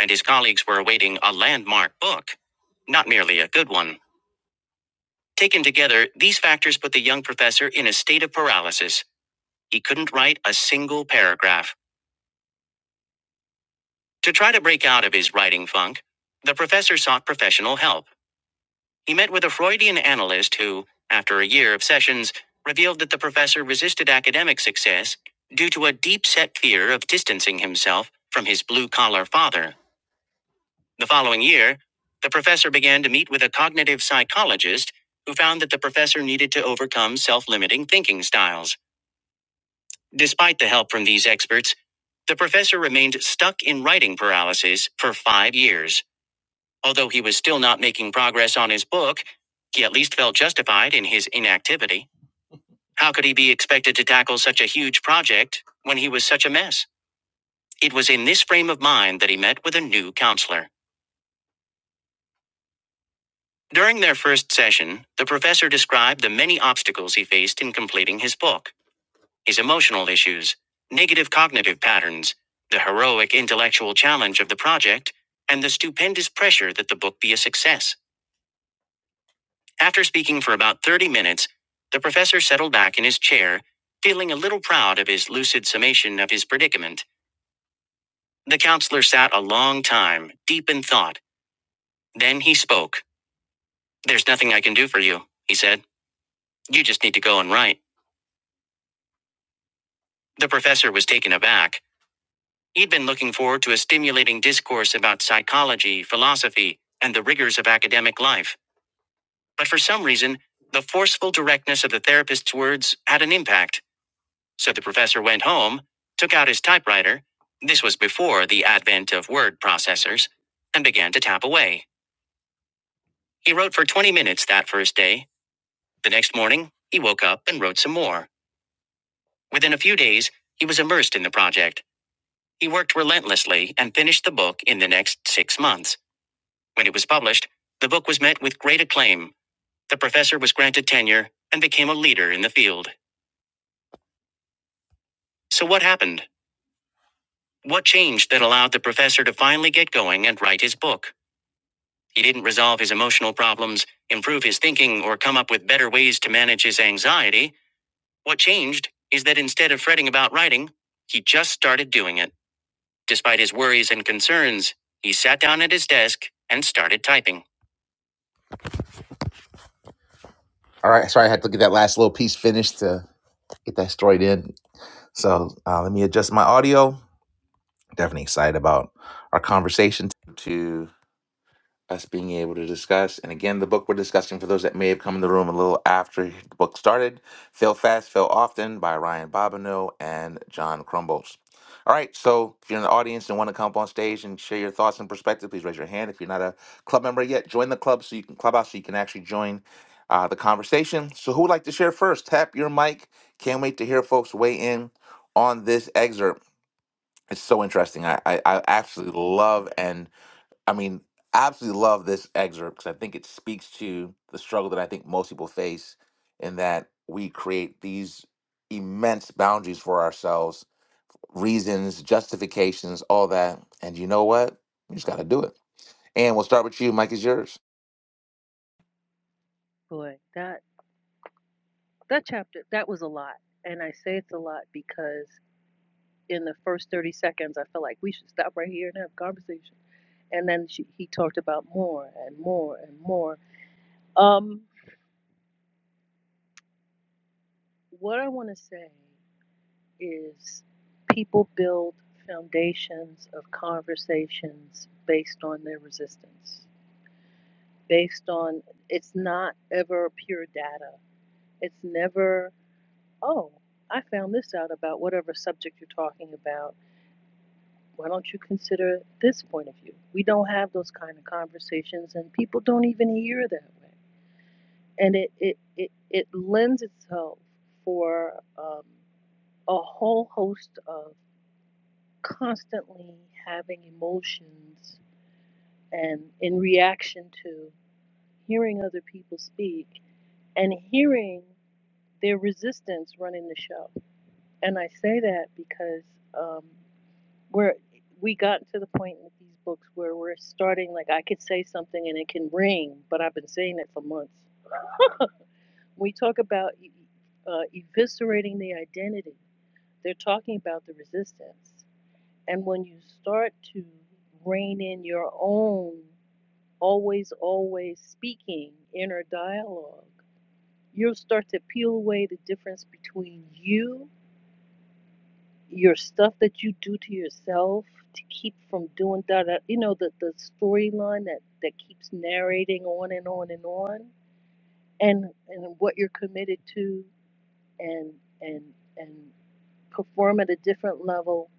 [SPEAKER 1] and his colleagues were awaiting a landmark book, not merely a good one. Taken together, these factors put the young professor in a state of paralysis. He couldn't write a single paragraph. To try to break out of his writing funk, the professor sought professional help. He met with a Freudian analyst who, after a year of sessions, revealed that the professor resisted academic success due to a deep set fear of distancing himself from his blue collar father. The following year, the professor began to meet with a cognitive psychologist who found that the professor needed to overcome self limiting thinking styles. Despite the help from these experts, the professor remained stuck in writing paralysis for five years. Although he was still not making progress on his book, he at least felt justified in his inactivity. How could he be expected to tackle such a huge project when he was such a mess? It was in this frame of mind that he met with a new counselor. During their first session, the professor described the many obstacles he faced in completing his book his emotional issues, negative cognitive patterns, the heroic intellectual challenge of the project, and the stupendous pressure that the book be a success. After speaking for about 30 minutes, the professor settled back in his chair, feeling a little proud of his lucid summation of his predicament. The counselor sat a long time, deep in thought. Then he spoke. There's nothing I can do for you, he said. You just need to go and write. The professor was taken aback. He'd been looking forward to a stimulating discourse about psychology, philosophy, and the rigors of academic life. But for some reason, the forceful directness of the therapist's words had an impact. So the professor went home, took out his typewriter this was before the advent of word processors and began to tap away. He wrote for 20 minutes that first day. The next morning, he woke up and wrote some more. Within a few days, he was immersed in the project. He worked relentlessly and finished the book in the next six months. When it was published, the book was met with great acclaim. The professor was granted tenure and became a leader in the field. So, what happened? What changed that allowed the professor to finally get going and write his book? He didn't resolve his emotional problems, improve his thinking, or come up with better ways to manage his anxiety. What changed is that instead of fretting about writing, he just started doing it. Despite his worries and concerns, he sat down at his desk and started typing. All right, sorry, I had to get that last little piece finished to get that story in. So uh, let me adjust my audio. Definitely excited about our conversation. To us being able to discuss. And again, the book we're discussing for those that may have come in the room a little after the book started Fail Fast, Fail Often by Ryan Bobineau and John Crumbles. All right, so if you're in the audience and want to come up on stage and share your thoughts and perspective, please raise your hand. If you're not a club member yet, join the club so you can clubhouse so you can actually join uh, the conversation. So who would like to share first? Tap your mic. Can't wait to hear folks weigh in on this excerpt. It's so interesting. I I, I absolutely love and I mean, I absolutely love this excerpt because I think it speaks to the struggle that I think most people face in that we create these immense boundaries for ourselves, reasons, justifications, all that. And you know what? You just got to do it. And we'll start with you. Mike is yours.
[SPEAKER 6] Boy, that. That chapter, that was a lot. And I say it's a lot because in the first 30 seconds, I felt like we should stop right here and have a conversation. And then she, he talked about more and more and more. Um, what I want to say is people build foundations of conversations based on their resistance, based on it's not ever pure data. It's never, oh, I found this out about whatever subject you're talking about Why don't you consider this point of view? We don't have those kind of conversations, and people don't even hear that way. And it it it, it lends itself for um, a whole host of constantly having emotions and in reaction to hearing other people speak and hearing their resistance running the show. And I say that because. Um, where we got to the point with these books where we're starting like i could say something and it can ring but i've been saying it for months we talk about e- e, uh, eviscerating the identity they're talking about the resistance and when you start to rein in your own always always speaking inner dialogue you'll start to peel away the difference between you your stuff that you do to yourself to keep from doing that uh, you know the, the storyline that that keeps narrating on and on and on and and what you're committed to and and and perform at a different level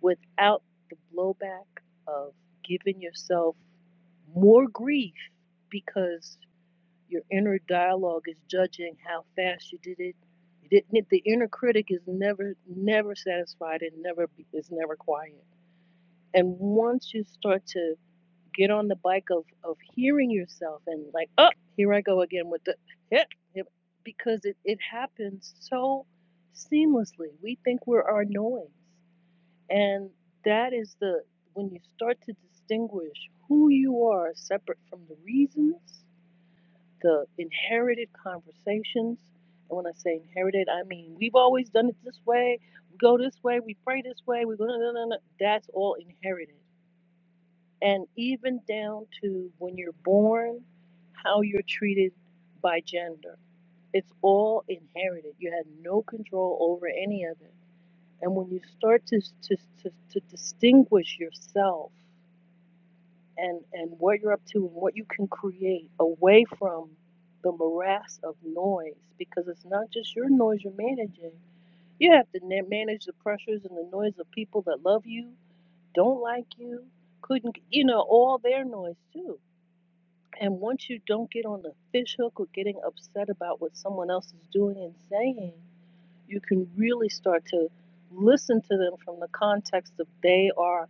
[SPEAKER 6] without the blowback of giving yourself more grief because. Your inner dialogue is judging how fast you did it. You didn't. The inner critic is never, never satisfied and never is never quiet. And once you start to get on the bike of of hearing yourself and like, oh, here I go again with the hip, hip," because it it happens so seamlessly. We think we're our noise, and that is the when you start to distinguish who you are separate from the reasons the inherited conversations. And when I say inherited, I mean we've always done it this way. We go this way. We pray this way. We go. No, no, no, no. That's all inherited. And even down to when you're born, how you're treated by gender. It's all inherited. You had no control over any of it. And when you start to to, to, to distinguish yourself and and what you're up to and what you can create away from the morass of noise because it's not just your noise you're managing you have to na- manage the pressures and the noise of people that love you don't like you couldn't you know all their noise too and once you don't get on the fishhook or getting upset about what someone else is doing and saying you can really start to listen to them from the context of they are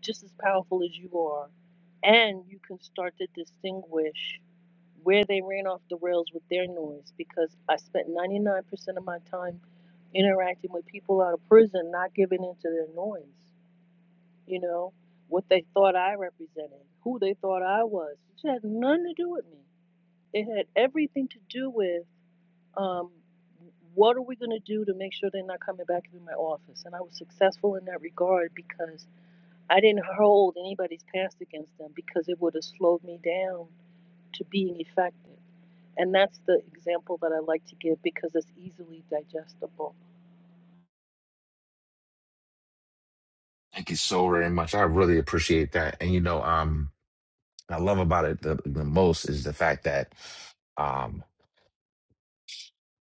[SPEAKER 6] just as powerful as you are. And you can start to distinguish where they ran off the rails with their noise because I spent 99% of my time interacting with people out of prison, not giving into their noise, you know, what they thought I represented, who they thought I was. It had nothing to do with me. It had everything to do with um, what are we going to do to make sure they're not coming back into my office? And I was successful in that regard because I didn't hold anybody's past against them because it would have slowed me down to being effective. And that's the example that I like to give because it's easily digestible.
[SPEAKER 1] Thank you so very much. I really appreciate that. And you know, um, I love about it the, the most is the fact that um.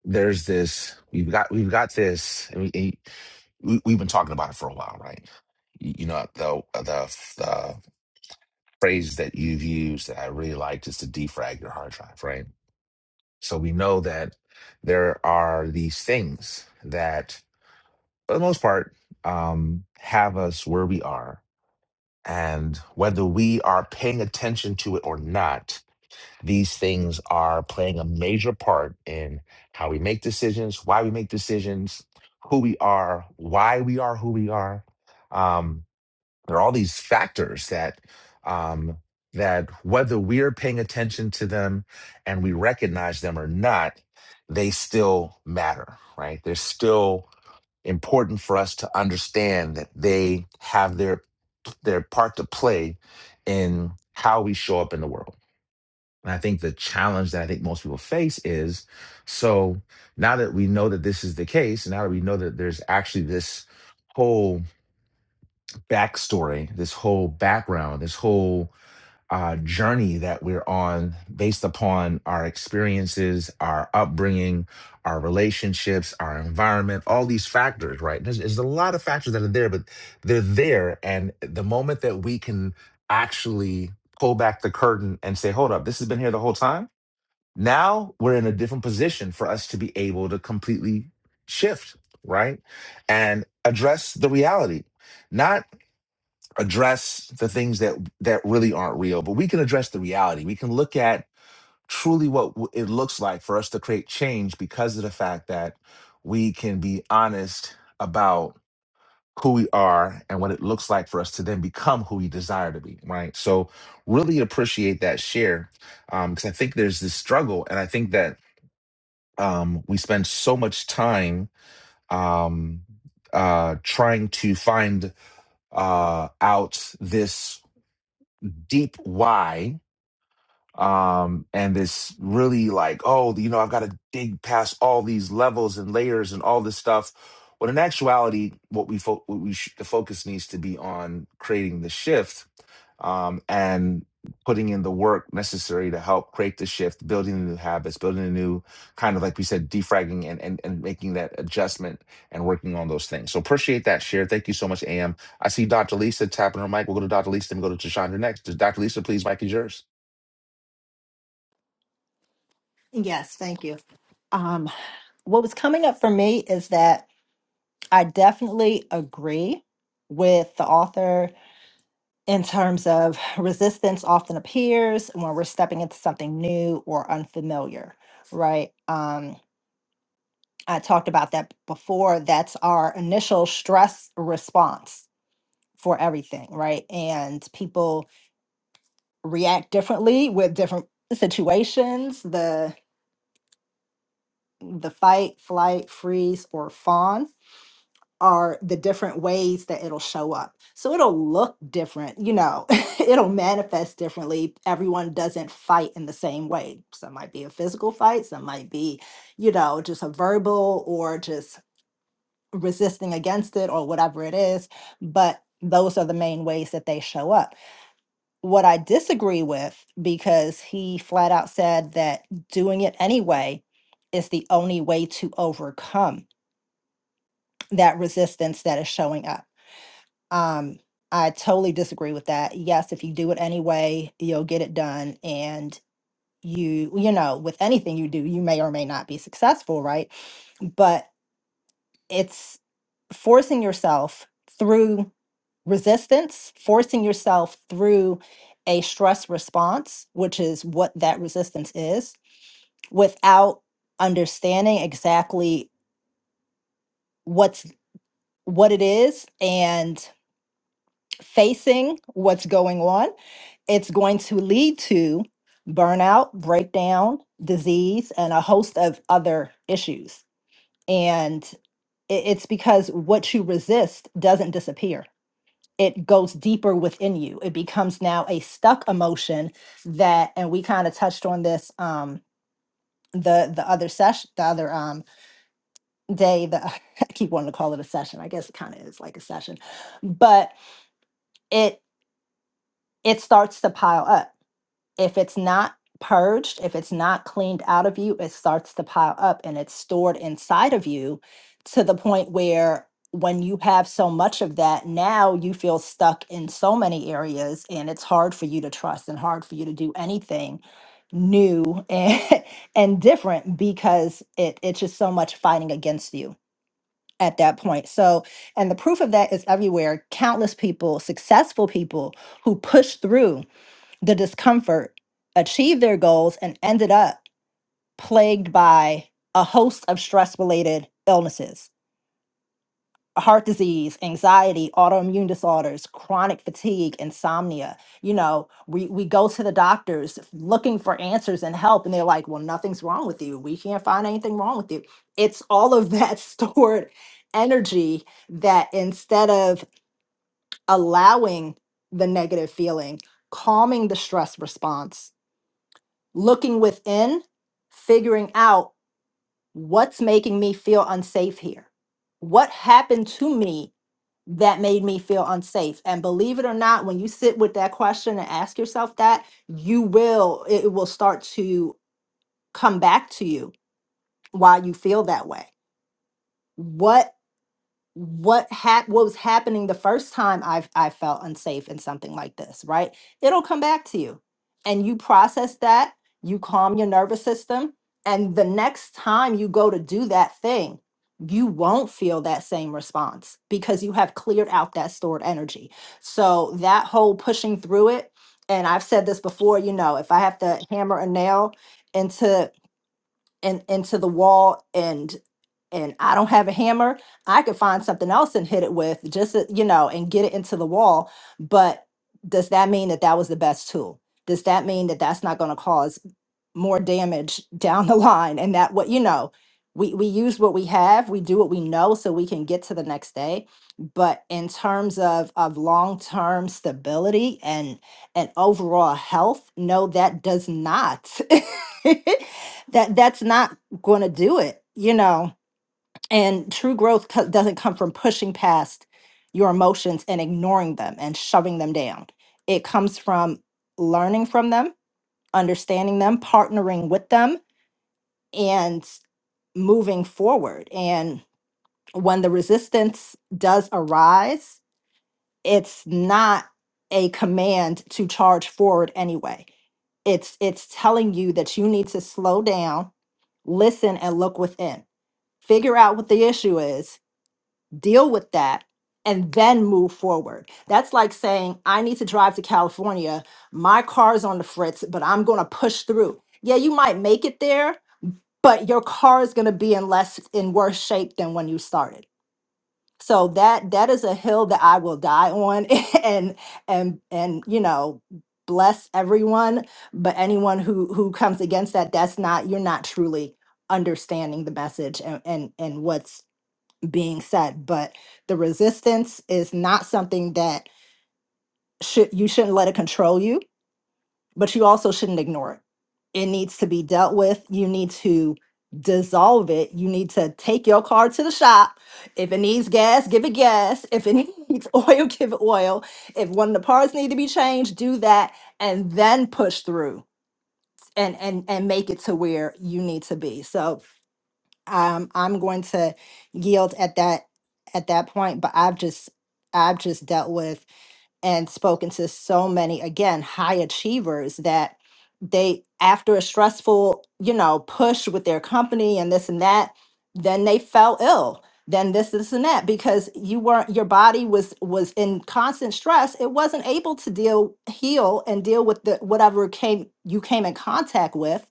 [SPEAKER 1] there's this we've got we've got this and we, and we we've been talking about it for a while right you, you know the, the the phrase that you've used that i really liked is to defrag your hard drive right so we know that there are these things that for the most part um have us where we are and whether we are paying attention to it or not These things are playing a major part in how we make decisions, why we make decisions, who we are, why we are who we are. Um, there are all these factors that um, that whether we're paying attention to them and we recognize them or not, they still matter, right? They're still important for us to understand that they have their their part to play in how we show up in the world and I think the challenge that I think most people face is so now that we know that this is the case, now that we know that there's actually this whole backstory, this whole background, this whole uh, journey that we're on based upon our experiences, our upbringing, our relationships, our environment, all these factors, right? There's, there's a lot of factors that are there, but they're there. And the moment that we can actually pull back the curtain and say, hold up, this has been here the whole time now we're in a different position for us to be able to completely shift, right? And address the reality. Not address the things that that really aren't real, but we can address the reality. We can look at truly what w- it looks like for us to create change because of the fact that we can be honest about who we are and what it looks like for us to then become who we desire to be, right? So really appreciate that share um, because I think there's this struggle, and I think that um, we spend so much time um, uh, trying to find uh, out this deep why um and this really like oh you know i've got to dig past all these levels and layers and all this stuff when in actuality what we fo- what we sh- the focus needs to be on creating the shift um and putting in the work necessary to help create the shift building the new habits building a new kind of like we said defragging and and, and making that adjustment and working on those things so appreciate that share thank you so much am i see dr lisa tapping her mic we'll go to dr lisa and go to chandra next dr lisa please mic is yours
[SPEAKER 7] Yes, thank you. Um, what was coming up for me is that I definitely agree with the author in terms of resistance often appears when we're stepping into something new or unfamiliar, right? Um, I talked about that before. That's our initial stress response for everything, right? And people react differently with different situations. The the fight, flight, freeze, or fawn are the different ways that it'll show up. So it'll look different, you know, it'll manifest differently. Everyone doesn't fight in the same way. Some might be a physical fight, some might be, you know, just a verbal or just resisting against it or whatever it is. But those are the main ways that they show up. What I disagree with, because he flat out said that doing it anyway is the only way to overcome that resistance that is showing up Um, I totally disagree with that. Yes, if you do it anyway, you'll get it done. And you, you know, with anything you do, you may or may not be successful, right? But it's forcing yourself through resistance, forcing yourself through a stress response, which is what that resistance is, without understanding exactly what's what it is and facing what's going on it's going to lead to burnout, breakdown, disease, and a host of other issues. And i- it's because what you resist doesn't disappear. It goes deeper within you. It becomes now a stuck emotion that, and we kind of touched on this um, the the other session, the other um, day. The I keep wanting to call it a session. I guess it kind of is like a session, but it it starts to pile up if it's not purged, if it's not cleaned out of you, it starts to pile up and it's stored inside of you to the point where when you have so much of that, now you feel stuck in so many areas and it's hard for you to trust and hard for you to do anything new and, and different because it, it's just so much fighting against you at that point. So, and the proof of that is everywhere. Countless people, successful people who push through the discomfort, achieved their goals, and ended up plagued by a host of stress related illnesses heart disease, anxiety, autoimmune disorders, chronic fatigue, insomnia. You know, we, we go to the doctors looking for answers and help, and they're like, well, nothing's wrong with you. We can't find anything wrong with you. It's all of that stored energy that instead of allowing the negative feeling, calming the stress response looking within, figuring out what's making me feel unsafe here. What happened to me that made me feel unsafe? And believe it or not, when you sit with that question and ask yourself that, you will, it will start to come back to you why you feel that way. What what hap- what was happening the first time I've I felt unsafe in something like this, right? It'll come back to you. And you process that, you calm your nervous system, and the next time you go to do that thing, you won't feel that same response because you have cleared out that stored energy. So that whole pushing through it, and I've said this before, you know, if I have to hammer a nail into and into the wall and and I don't have a hammer, I could find something else and hit it with just to- you know and get it into the wall. But does that mean that that was the best tool? Does that mean that that's not going to cause more damage down the line? And that what you know, we we use what we have, we do what we know, so we can get to the next day. But in terms of of long term stability and and overall health, no, that does not. that that's not going to do it you know and true growth co- doesn't come from pushing past your emotions and ignoring them and shoving them down it comes from learning from them understanding them partnering with them and moving forward and when the resistance does arise it's not a command to charge forward anyway it's it's telling you that you need to slow down listen and look within figure out what the issue is, deal with that, and then move forward. That's like saying, I need to drive to California. My car's on the fritz, but I'm going to push through. Yeah, you might make it there, but your car is going to be in less in worse shape than when you started. So that that is a hill that I will die on and and and you know bless everyone but anyone who who comes against that that's not you're not truly understanding the message and and and what's being said but the resistance is not something that should you shouldn't let it control you but you also shouldn't ignore it it needs to be dealt with you need to dissolve it you need to take your car to the shop if it needs gas give it gas if it needs oil give it oil if one of the parts need to be changed do that and then push through and and and make it to where you need to be so um, I'm going to yield at that at that point. But I've just I've just dealt with and spoken to so many again high achievers that they after a stressful you know push with their company and this and that then they fell ill then this this and that because you weren't your body was was in constant stress it wasn't able to deal heal and deal with the whatever came you came in contact with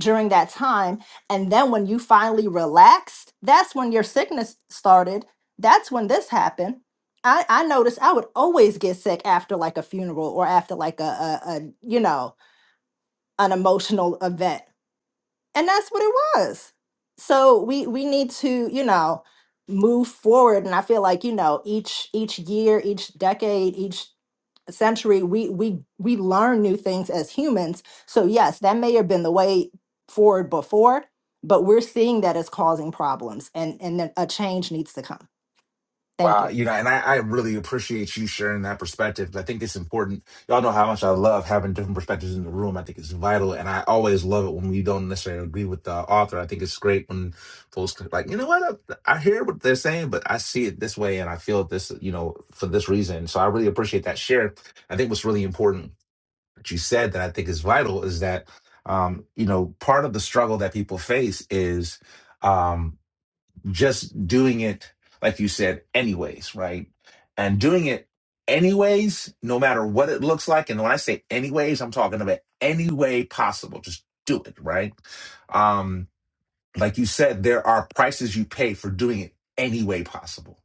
[SPEAKER 7] during that time and then when you finally relaxed that's when your sickness started that's when this happened I I noticed I would always get sick after like a funeral or after like a a, a you know an emotional event, and that's what it was. So we we need to you know move forward, and I feel like you know each each year, each decade, each century, we we we learn new things as humans. So yes, that may have been the way forward before, but we're seeing that as causing problems, and and then a change needs to come. Thank you.
[SPEAKER 1] Wow, you know, and I, I really appreciate you sharing that perspective. I think it's important. Y'all know how much I love having different perspectives in the room. I think it's vital, and I always love it when we don't necessarily agree with the author. I think it's great when folks can- like, you know what, I, I hear what they're saying, but I see it this way, and I feel it this, you know, for this reason. So I really appreciate that share. I think what's really important that you said that I think is vital is that, um, you know, part of the struggle that people face is. Um, just doing it, like you said, anyways, right? And doing it anyways, no matter what it looks like. And when I say anyways, I'm talking about any way possible. Just do it, right? Um, like you said, there are prices you pay for doing it any way possible.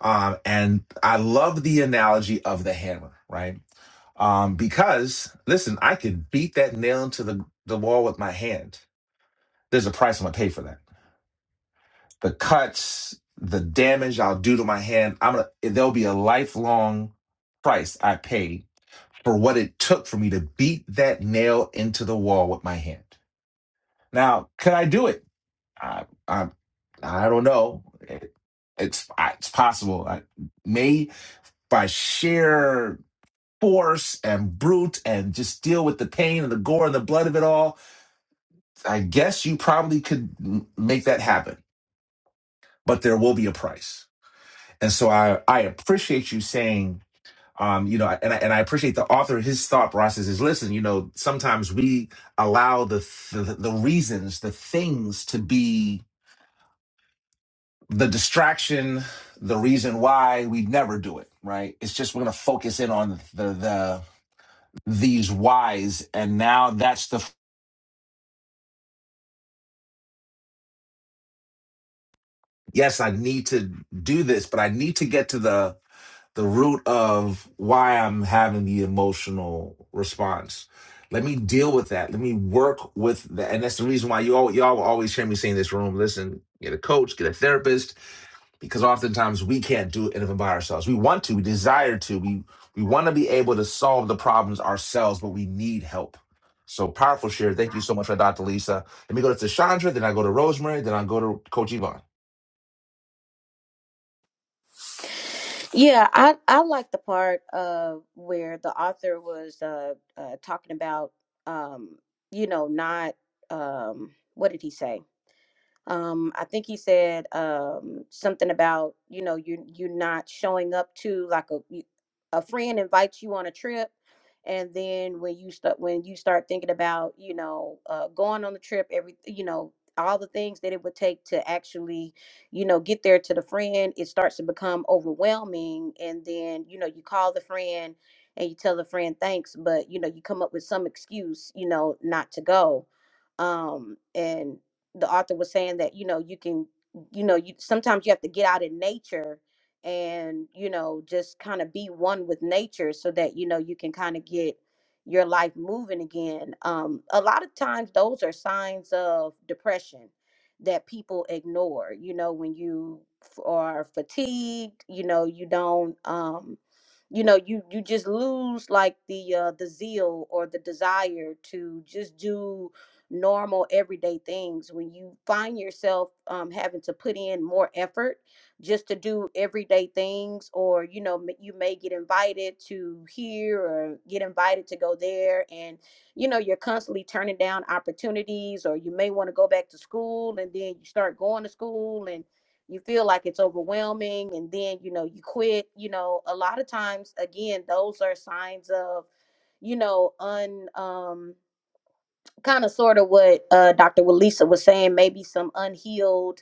[SPEAKER 1] Um, and I love the analogy of the hammer, right? Um, because listen, I could beat that nail into the, the wall with my hand. There's a price I'm gonna pay for that the cuts, the damage I'll do to my hand. I'm gonna there'll be a lifelong price I pay for what it took for me to beat that nail into the wall with my hand. Now, could I do it? I I, I don't know. It, it's I- it's possible. I may by sheer force and brute and just deal with the pain and the gore and the blood of it all. I guess you probably could m- make that happen, but there will be a price And so I, I appreciate you saying, um, you know, and I, and I appreciate the author, his thought process is listen, you know, sometimes we allow the, the, the reasons, the things to be the distraction, the reason why we never do it, right? It's just, we're going to focus in on the, the, these whys. And now that's the, yes, I need to do this, but I need to get to the, the root of why I'm having the emotional response. Let me deal with that. Let me work with that. And that's the reason why you all y'all will always hear me say in this room, listen, get a coach, get a therapist, because oftentimes we can't do anything by ourselves. We want to, we desire to, we we want to be able to solve the problems ourselves, but we need help. So powerful share. Thank you so much for Dr. Lisa. Let me go to Chandra, then I go to Rosemary, then I go to Coach Yvonne.
[SPEAKER 4] Yeah, I I like the part uh where the author was uh, uh talking about um you know not um what did he say? um, I think he said um, something about you know you you're not showing up to like a you- a friend invites you on a trip, and then when you start when you start thinking about you know uh, going on the trip, every you know all the things that it would take to actually you know get there to the friend, it starts to become overwhelming, and then you know you call the friend and you tell the friend thanks, but you know you come up with some excuse you know not to go um and the author was saying that you know you can you know you sometimes you have to get out in nature and you know just kind of be one with nature so that you know you can kind of get your life moving again um a lot of times those are signs of depression that people ignore you know when you f- are fatigued you know you don't um you know you you just lose like the uh the zeal or the desire to just do normal everyday things when you find yourself um, having to put in more effort just to do everyday things or you know m- you may get invited to here or get invited to go there and you know you're constantly turning down opportunities or you may want to go back to school and then you start going to school and you feel like it's overwhelming and then you know you quit you know a lot of times again those are signs of you know un um kind of sort of what uh, Dr. Walisa was saying, maybe some unhealed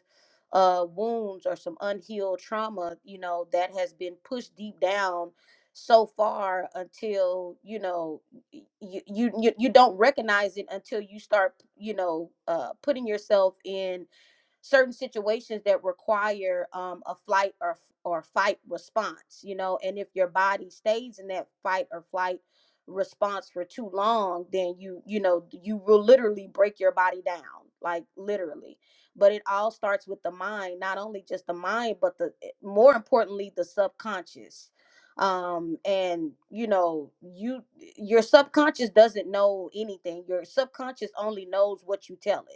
[SPEAKER 4] uh, wounds or some unhealed trauma, you know, that has been pushed deep down so far until you know y- you you you you don't recognize it until you start you know uh putting yourself in certain situations that require um, a flight or or fight response you know and if your body stays in that fight or flight response for too long then you you know you will literally break your body down like literally but it all starts with the mind not only just the mind but the eh, more importantly the subconscious um and you know you eh, your subconscious doesn't know anything your subconscious only knows what you tell it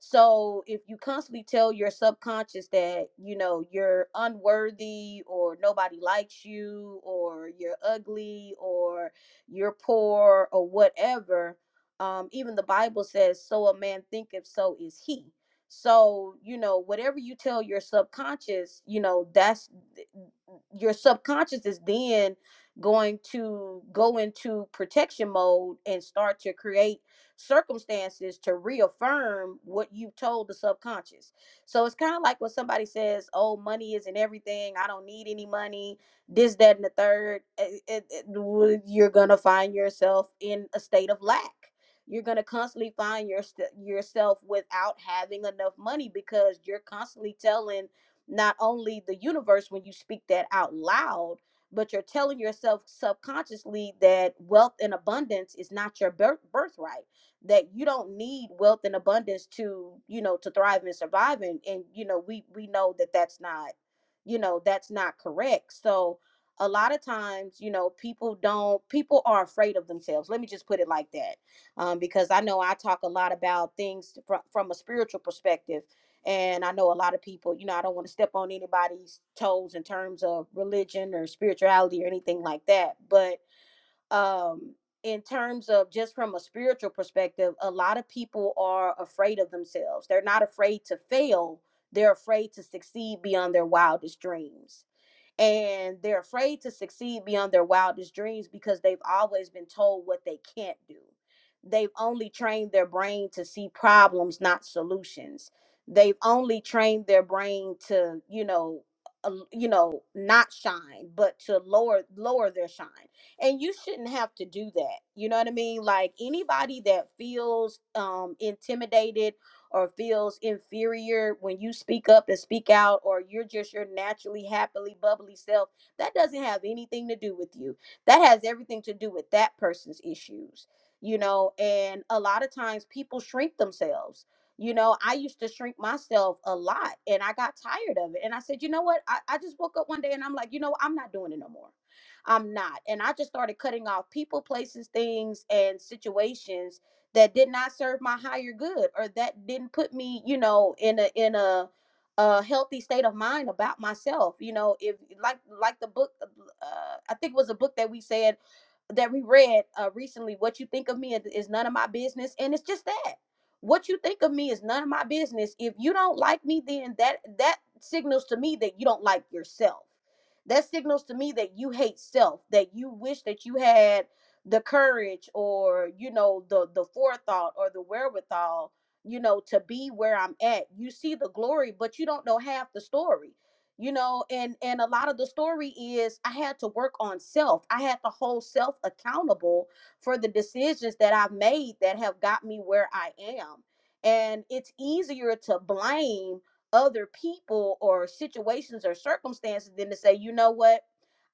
[SPEAKER 4] so if you constantly tell your subconscious that, you know, you're unworthy or nobody likes you or you're ugly or you're poor or whatever, um, even the Bible says, so a man thinketh, so is he. So, you know, whatever you tell your subconscious, you know, that's your subconscious is then going to go into protection mode and start to create circumstances to reaffirm what you've told the subconscious. So it's kind of like when somebody says, "Oh, money isn't everything. I don't need any money." This, that, and the third. It, it, it- you're gonna find yourself in a state of lack. You're gonna constantly find your yourself without having enough money because you're constantly telling not only the universe when you speak that out loud but you're telling yourself subconsciously that wealth and abundance is not your birth birthright that you don't need wealth and abundance to you know to thrive and survive and, and you know we we know that that's not you know that's not correct so a lot of times you know people don't people are afraid of themselves let me just put it like that um, because i know i talk a lot about things from, from a spiritual perspective and i know a lot of people you know i don't want to step on anybody's toes in terms of religion or spirituality or anything like that but um in terms of just from a spiritual perspective a lot of people are afraid of themselves they're not afraid to fail they're afraid to succeed beyond their wildest dreams and they're afraid to succeed beyond their wildest dreams because they've always been told what they can't do. They've only trained their brain to see problems, not solutions. They've only trained their brain to, you know, uh, you know, not shine, but to lower lower their shine. And you shouldn't have to do that. You know what I mean? Like anybody that feels um intimidated or feels inferior when you speak up and speak out or you're just your naturally happily bubbly self that doesn't have anything to do with you that has everything to do with that person's issues you know and a lot of times people shrink themselves you know i used to shrink myself a lot and i got tired of it and i said you know what i, I just woke up one day and i'm like you know i'm not doing it no more i'm not and i just started cutting off people places things and situations that did not serve my higher good or that didn't put me you know in a in a a healthy state of mind about myself you know if like like the book uh, uh, i think it was a book that we said that we read uh, recently what you think of me is is none of my business and it's just that what you think of me is none of my business if you don't like me then that that signals to me that you don't like yourself that signals to me that you hate self that you wish that you had the courage or you know the the forethought or the wherewithal you know to be where i'm at you see the glory but you don't know half the story you know and and a lot of the story is i had to work on self i had to hold self accountable for the decisions that i've made that have got me where i am and it's easier to blame other people or situations or circumstances than to say you know what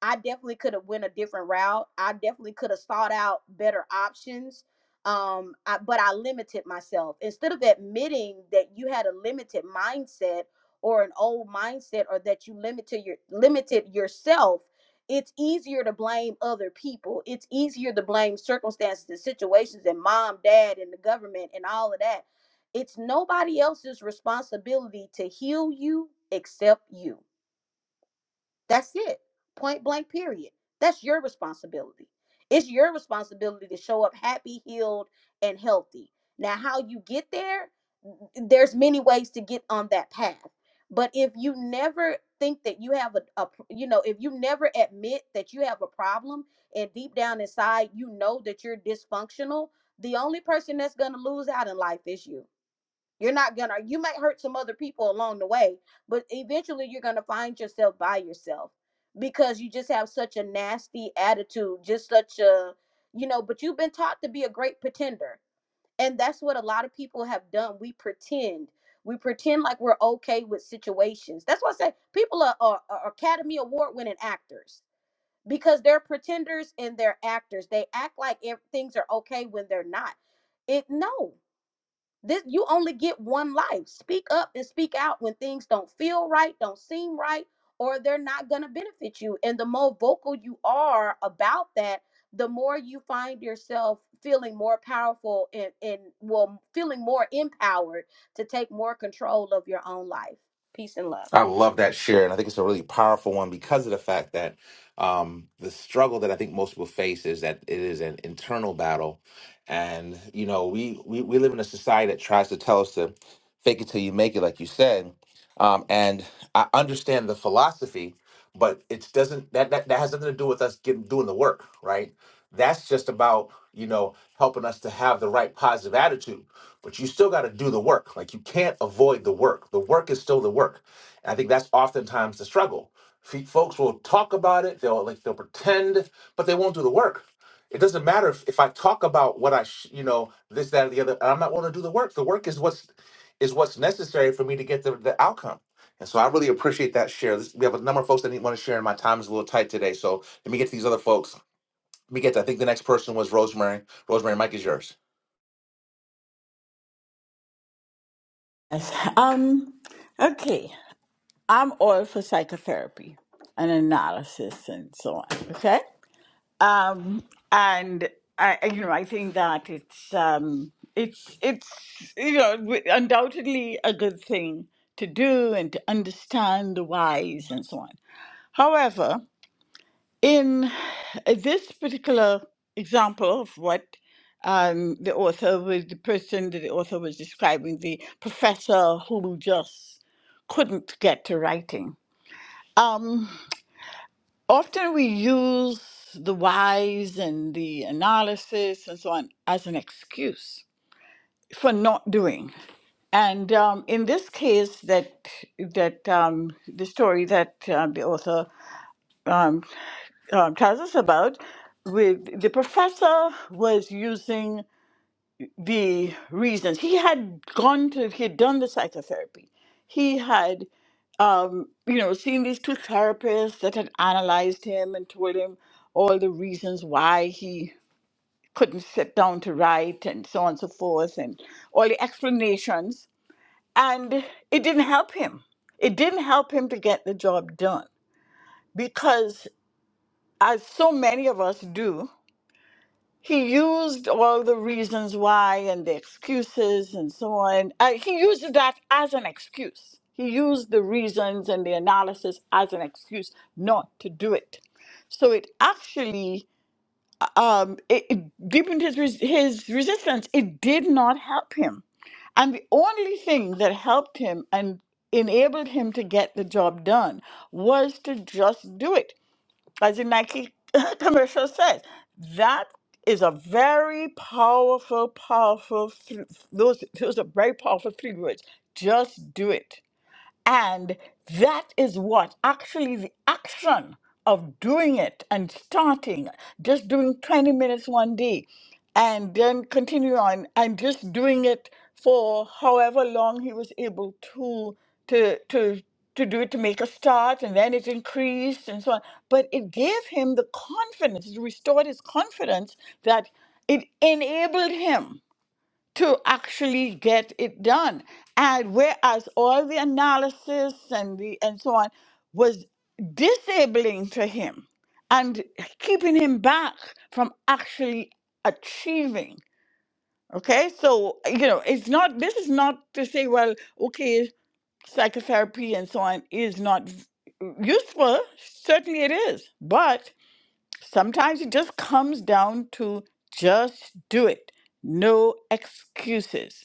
[SPEAKER 4] I definitely could have went a different route. I definitely could have sought out better options. Um, I, but I limited myself instead of admitting that you had a limited mindset or an old mindset or that you limited your limited yourself. It's easier to blame other people. It's easier to blame circumstances and situations and mom, dad, and the government and all of that. It's nobody else's responsibility to heal you except you that's it. Point blank, period. That's your responsibility. It's your responsibility to show up happy, healed, and healthy. Now, how you get there, there's many ways to get on that path. But if you never think that you have a, a you know, if you never admit that you have a problem and deep down inside you know that you're dysfunctional, the only person that's going to lose out in life is you you're not gonna, you might hurt some other people along the way, but eventually you're gonna find yourself by yourself because you just have such a nasty attitude, just such a, you know, but you've been taught to be a great pretender. And that's what a lot of people have done. We pretend. We pretend like we're okay with situations. That's why I say people are, are, are Academy Award winning actors because they're pretenders and they're actors. They act like ev- things are okay when they're not. It no this you only get one life speak up and speak out when things don't feel right don't seem right or they're not going to benefit you and the more vocal you are about that the more you find yourself feeling more powerful and, and well feeling more empowered to take more control of your own life peace and love
[SPEAKER 1] I love that share, and I think it's a really powerful one because of the fact that um, the struggle that I think most people face is that it is an internal battle, and you know we we, we live in a society that tries to tell us to fake it till you make it, like you said, um, and I understand the philosophy, but it doesn't that, that that has nothing to do with us getting doing the work, right? That's just about you know helping us to have the right positive attitude. But you still got to do the work. Like you can't avoid the work. The work is still the work. And I think that's oftentimes the struggle. Fe- Folks will talk about it. They'll like they'll pretend, but they won't do the work. It doesn't matter if, if I talk about what I, sh- you know, this, that, or the other, and I'm not willing to do the work. The work is what's is what's necessary for me to get the, the outcome. And so I really appreciate that share. This, we have a number of folks that didn't want to share, and my time is a little tight today. So let me get to these other folks. Let me get to, I think the next person was Rosemary. Rosemary, Mike is yours.
[SPEAKER 10] Yes, Um, okay, I'm all for psychotherapy and analysis and so on. Okay, um, and I, I- you know, I think that it's um, it's it's you know wi- undoubtedly a good thing to do and to understand the whys and so on. However. In this particular example of what um, the author was, the person that the author was describing, the professor who just couldn't get to writing. Um, often we use the whys and the analysis and so on as an excuse for not doing. And um, in this case, that that um, the story that um, the author um, um, tells us about, with the professor was using the reasons he had gone to, he had done the psychotherapy. He had, um, you know, seen these two therapists that had analyzed him and told him all the reasons why he couldn't sit down to write and so on and so forth, and all the explanations. And it didn't help him. It didn't help him to get the job done because, as so many of us do, he used all the reasons why and the excuses and so on. Uh, he used that as an excuse. He used the reasons and the analysis as an excuse not to do it. So it actually um, it, it deepened his res- his resistance. It did not help him, and the only thing that helped him and enabled him to get the job done was to just do it as the Nike commercial says. That is a very powerful, powerful. Th- those those are very powerful three words. Just do it. And that is what actually the action of doing it and starting, just doing 20 minutes one day and then continue on and just doing it for however long he was able to to to to do it to make a start and then it increased and so on but it gave him the confidence it restored his confidence that it enabled him to actually get it done. And whereas all the analysis and the and so on was disabling to him and keeping him back from actually achieving. Okay, so you know, it's not this is not to say, well, okay, psychotherapy and so on is not v- useful. Certainly it is, but sometimes it just comes down to just do it. No excuses.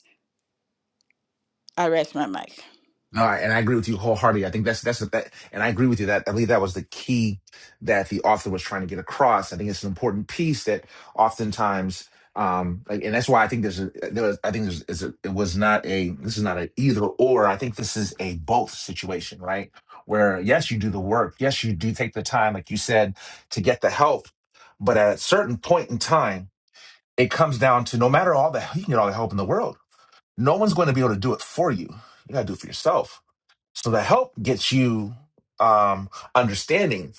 [SPEAKER 10] I rest my mic.
[SPEAKER 1] No, I, and I agree with you wholeheartedly. I think that's that's the that, and I agree with you that I believe that was the key that the author was trying to get across. I think it's an important piece that oftentimes, um, like, and that's why I think there's a there was, I think there's is a, it was not a this is not an either or. I think this is a both situation, right? Where yes, you do the work, yes, you do take the time, like you said, to get the help, but at a certain point in time, it comes down to no matter all the you can get all the help in the world, no one's going to be able to do it for you. You got to do it for yourself so the help gets you um understanding,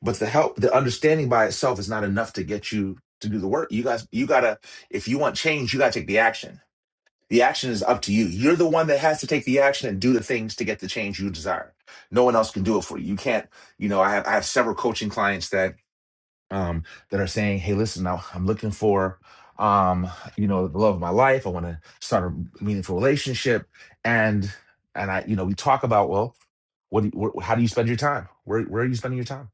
[SPEAKER 1] but the help, the understanding by itself is not enough to get you to do the work. You guys, you gotta, if you want change, you gotta take the action. The action is up to you. You're the one that has to take the action and do the things to get the change you desire. No one else can do it for you. You can't, you know, I have I have several coaching clients that um, that are saying, "Hey, listen, now I'm looking for, um, you know, the love of my life. I want to start a meaningful relationship." And and I, you know, we talk about, well, what, do you, wh- how do you spend your time? Where where are you spending your time?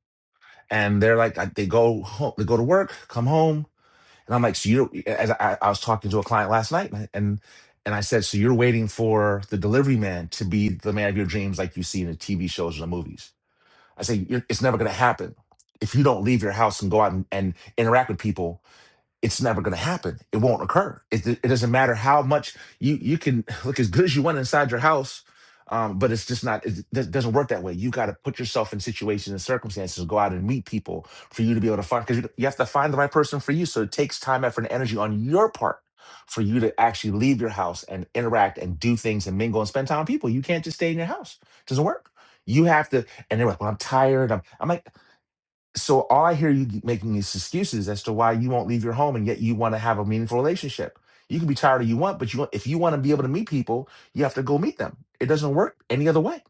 [SPEAKER 1] And they're like, I, they go home, they go to work, come home, and I'm like, so you, don't- as I, I was talking to a client last night, and. and and I said, so you're waiting for the delivery man to be the man of your dreams, like you see in the TV shows or the movies I say, You're, it's never going to happen if you don't leave your house and go out and, and interact with people it's never going to happen. It won't occur. It, it doesn't matter how much you you can look as good as you want inside your house, um, but it's just not. It do- doesn't work that way. You got to put yourself in situations and circumstances, go out and meet people for you to be able to find. Because you, you have to find the right person for you. So it takes time, effort, and energy on your part for you to actually leave your house and interact and do things and mingle and spend time with people. You can't just stay in your house. It doesn't work. You have to. And they're like, "Well, I'm tired. I'm." I'm like. So all I hear you making is excuses as to why you won't leave your home, and yet you want to have a meaningful relationship. You can be tired if you want, but you if you want to be able to meet people, you have to go meet them. It doesn't work any other way.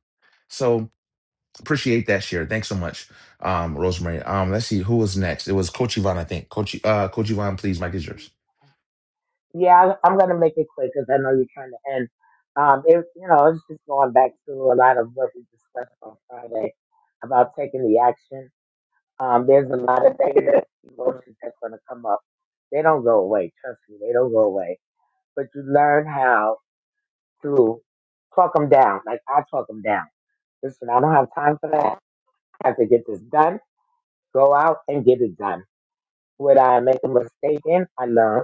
[SPEAKER 1] So appreciate that share. Thanks so much, um, Rosemary. Um, let's see who was next. It was Coach Yvonne, I think. Coach, uh, Coach Yvonne, please, Mike is yours.
[SPEAKER 5] Yeah, I- am gonna make it quick because I know you're trying to end. Um, it, you know, it's just going back to a lot of what we discussed on Friday about taking the action. Um, there's a lot of negative emotions that's gonna come up. They don't go away. Trust me, they don't go away. But you learn how to talk them down. Like I talk them down. Listen, I don't have time for that. I have to get this done. Go out and get it done. Would I make a mistake in? I learn.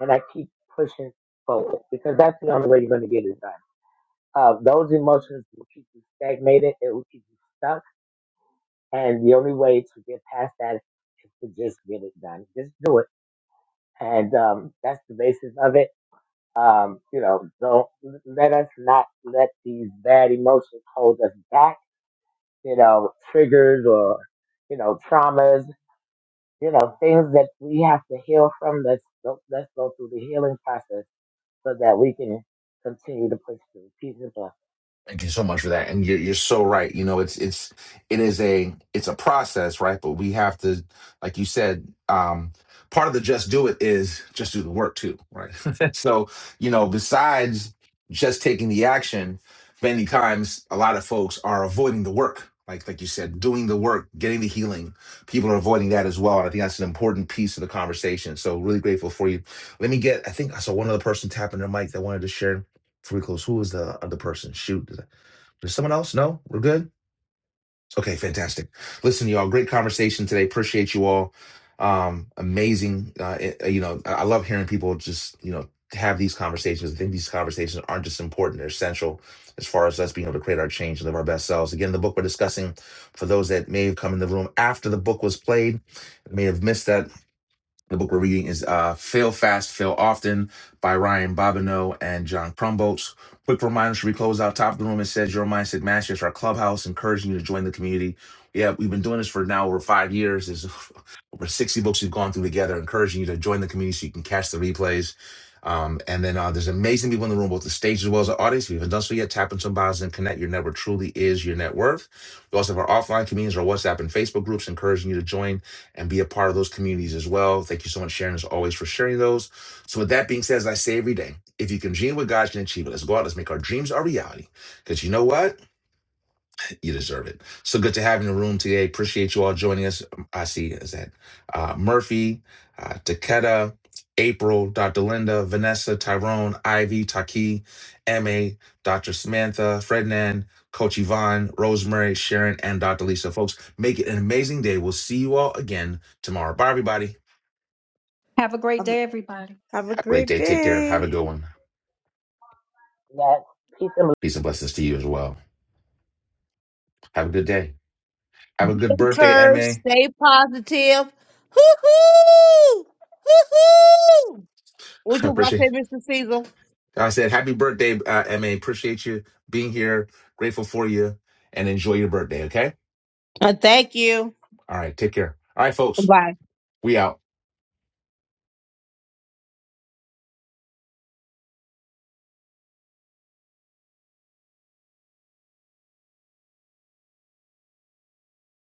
[SPEAKER 5] and I keep pushing forward because that's the only way you're going to get it done. Uh, those emotions will keep you stagnated. It will keep you stuck. And the only way to get past that is to just get it done. Just do it. And um, that's the basis of it. Um, you know, don't let us not let these bad emotions hold us back. You know, triggers or you know traumas. You know, things that we have to heal from. Let's go, let's go through the healing process so that we can continue to push through peace and blessings.
[SPEAKER 1] Thank you so much for that. And you're you're so right. You know, it's it's it is a it's a process, right? But we have to, like you said, um, part of the just do it is just do the work too, right? so, you know, besides just taking the action, many times a lot of folks are avoiding the work. Like like you said, doing the work, getting the healing. People are avoiding that as well. And I think that's an important piece of the conversation. So really grateful for you. Let me get, I think I saw one other person tapping their mic that wanted to share before we close. Who was the other person? Shoot. There's someone else? No? We're good? Okay, fantastic. Listen, y'all, great conversation today. Appreciate you all. Um, amazing. Uh, it- you know, I I love hearing people just, you know, have these conversations. I think these conversations aren't just important, they're essential as far as us being able to create our change and live our best selves. Again, the book we're discussing, for those that may have come in the room after the book was played, may have missed that the book we're reading is uh, Fail Fast, Fail Often by Ryan Bobineau and John Crumboats. Quick reminder should we close out top of the room? It says Your Mindset Masters, our clubhouse, encouraging you to join the community. Yeah, we've been doing this for now over five years. There's over 60 books we've gone through together, encouraging you to join the community so you can catch the replays. Um, and then uh, there's amazing people in the room, both the stage as well as the audience. If you haven't done so yet, tap into some bios and connect. Your network truly is your net worth. We also have our offline communities, our WhatsApp and Facebook groups, encouraging you to join and be a part of those communities as well. Thank you so much, Sharon, as always, for sharing those. So, with that being said, as I say every day, if you can dream what God can achieve it, let's go out, let's make our dreams our reality. Because you know what? You deserve it. So good to have you in the room today. Appreciate you all joining us. Um, I see is that uh, Murphy, uh, Takeda, April, Dr. Linda, Vanessa, Tyrone, Ivy, Taki, MA, Dr. Samantha, Frednan, Coach Yvonne, Rosemary, Sharon, and Dr. Lisa. Folks, make it an amazing day. We'll see you all again tomorrow. Bye, everybody.
[SPEAKER 9] Have a great
[SPEAKER 10] Have
[SPEAKER 9] day, everybody.
[SPEAKER 10] have a
[SPEAKER 1] Have a great
[SPEAKER 10] great
[SPEAKER 1] day. Take care. Have a
[SPEAKER 10] day.
[SPEAKER 1] good one.
[SPEAKER 5] Next, peace and
[SPEAKER 1] Peace and blessings to you as well. Have a good day. Have a good birthday,
[SPEAKER 3] Curve,
[SPEAKER 1] MA.
[SPEAKER 3] stay positive. Hoo hoo, hoo hoo. Would
[SPEAKER 1] I
[SPEAKER 3] you watch
[SPEAKER 1] appreciate
[SPEAKER 3] that, Mr. Caesar?
[SPEAKER 1] I said, happy birthday, uh, MA. Appreciate you being here. Grateful for you and enjoy your birthday. Okay.
[SPEAKER 3] Uh, thank you.
[SPEAKER 1] All right. Take care. All right, folks.
[SPEAKER 3] Bye.
[SPEAKER 1] We out.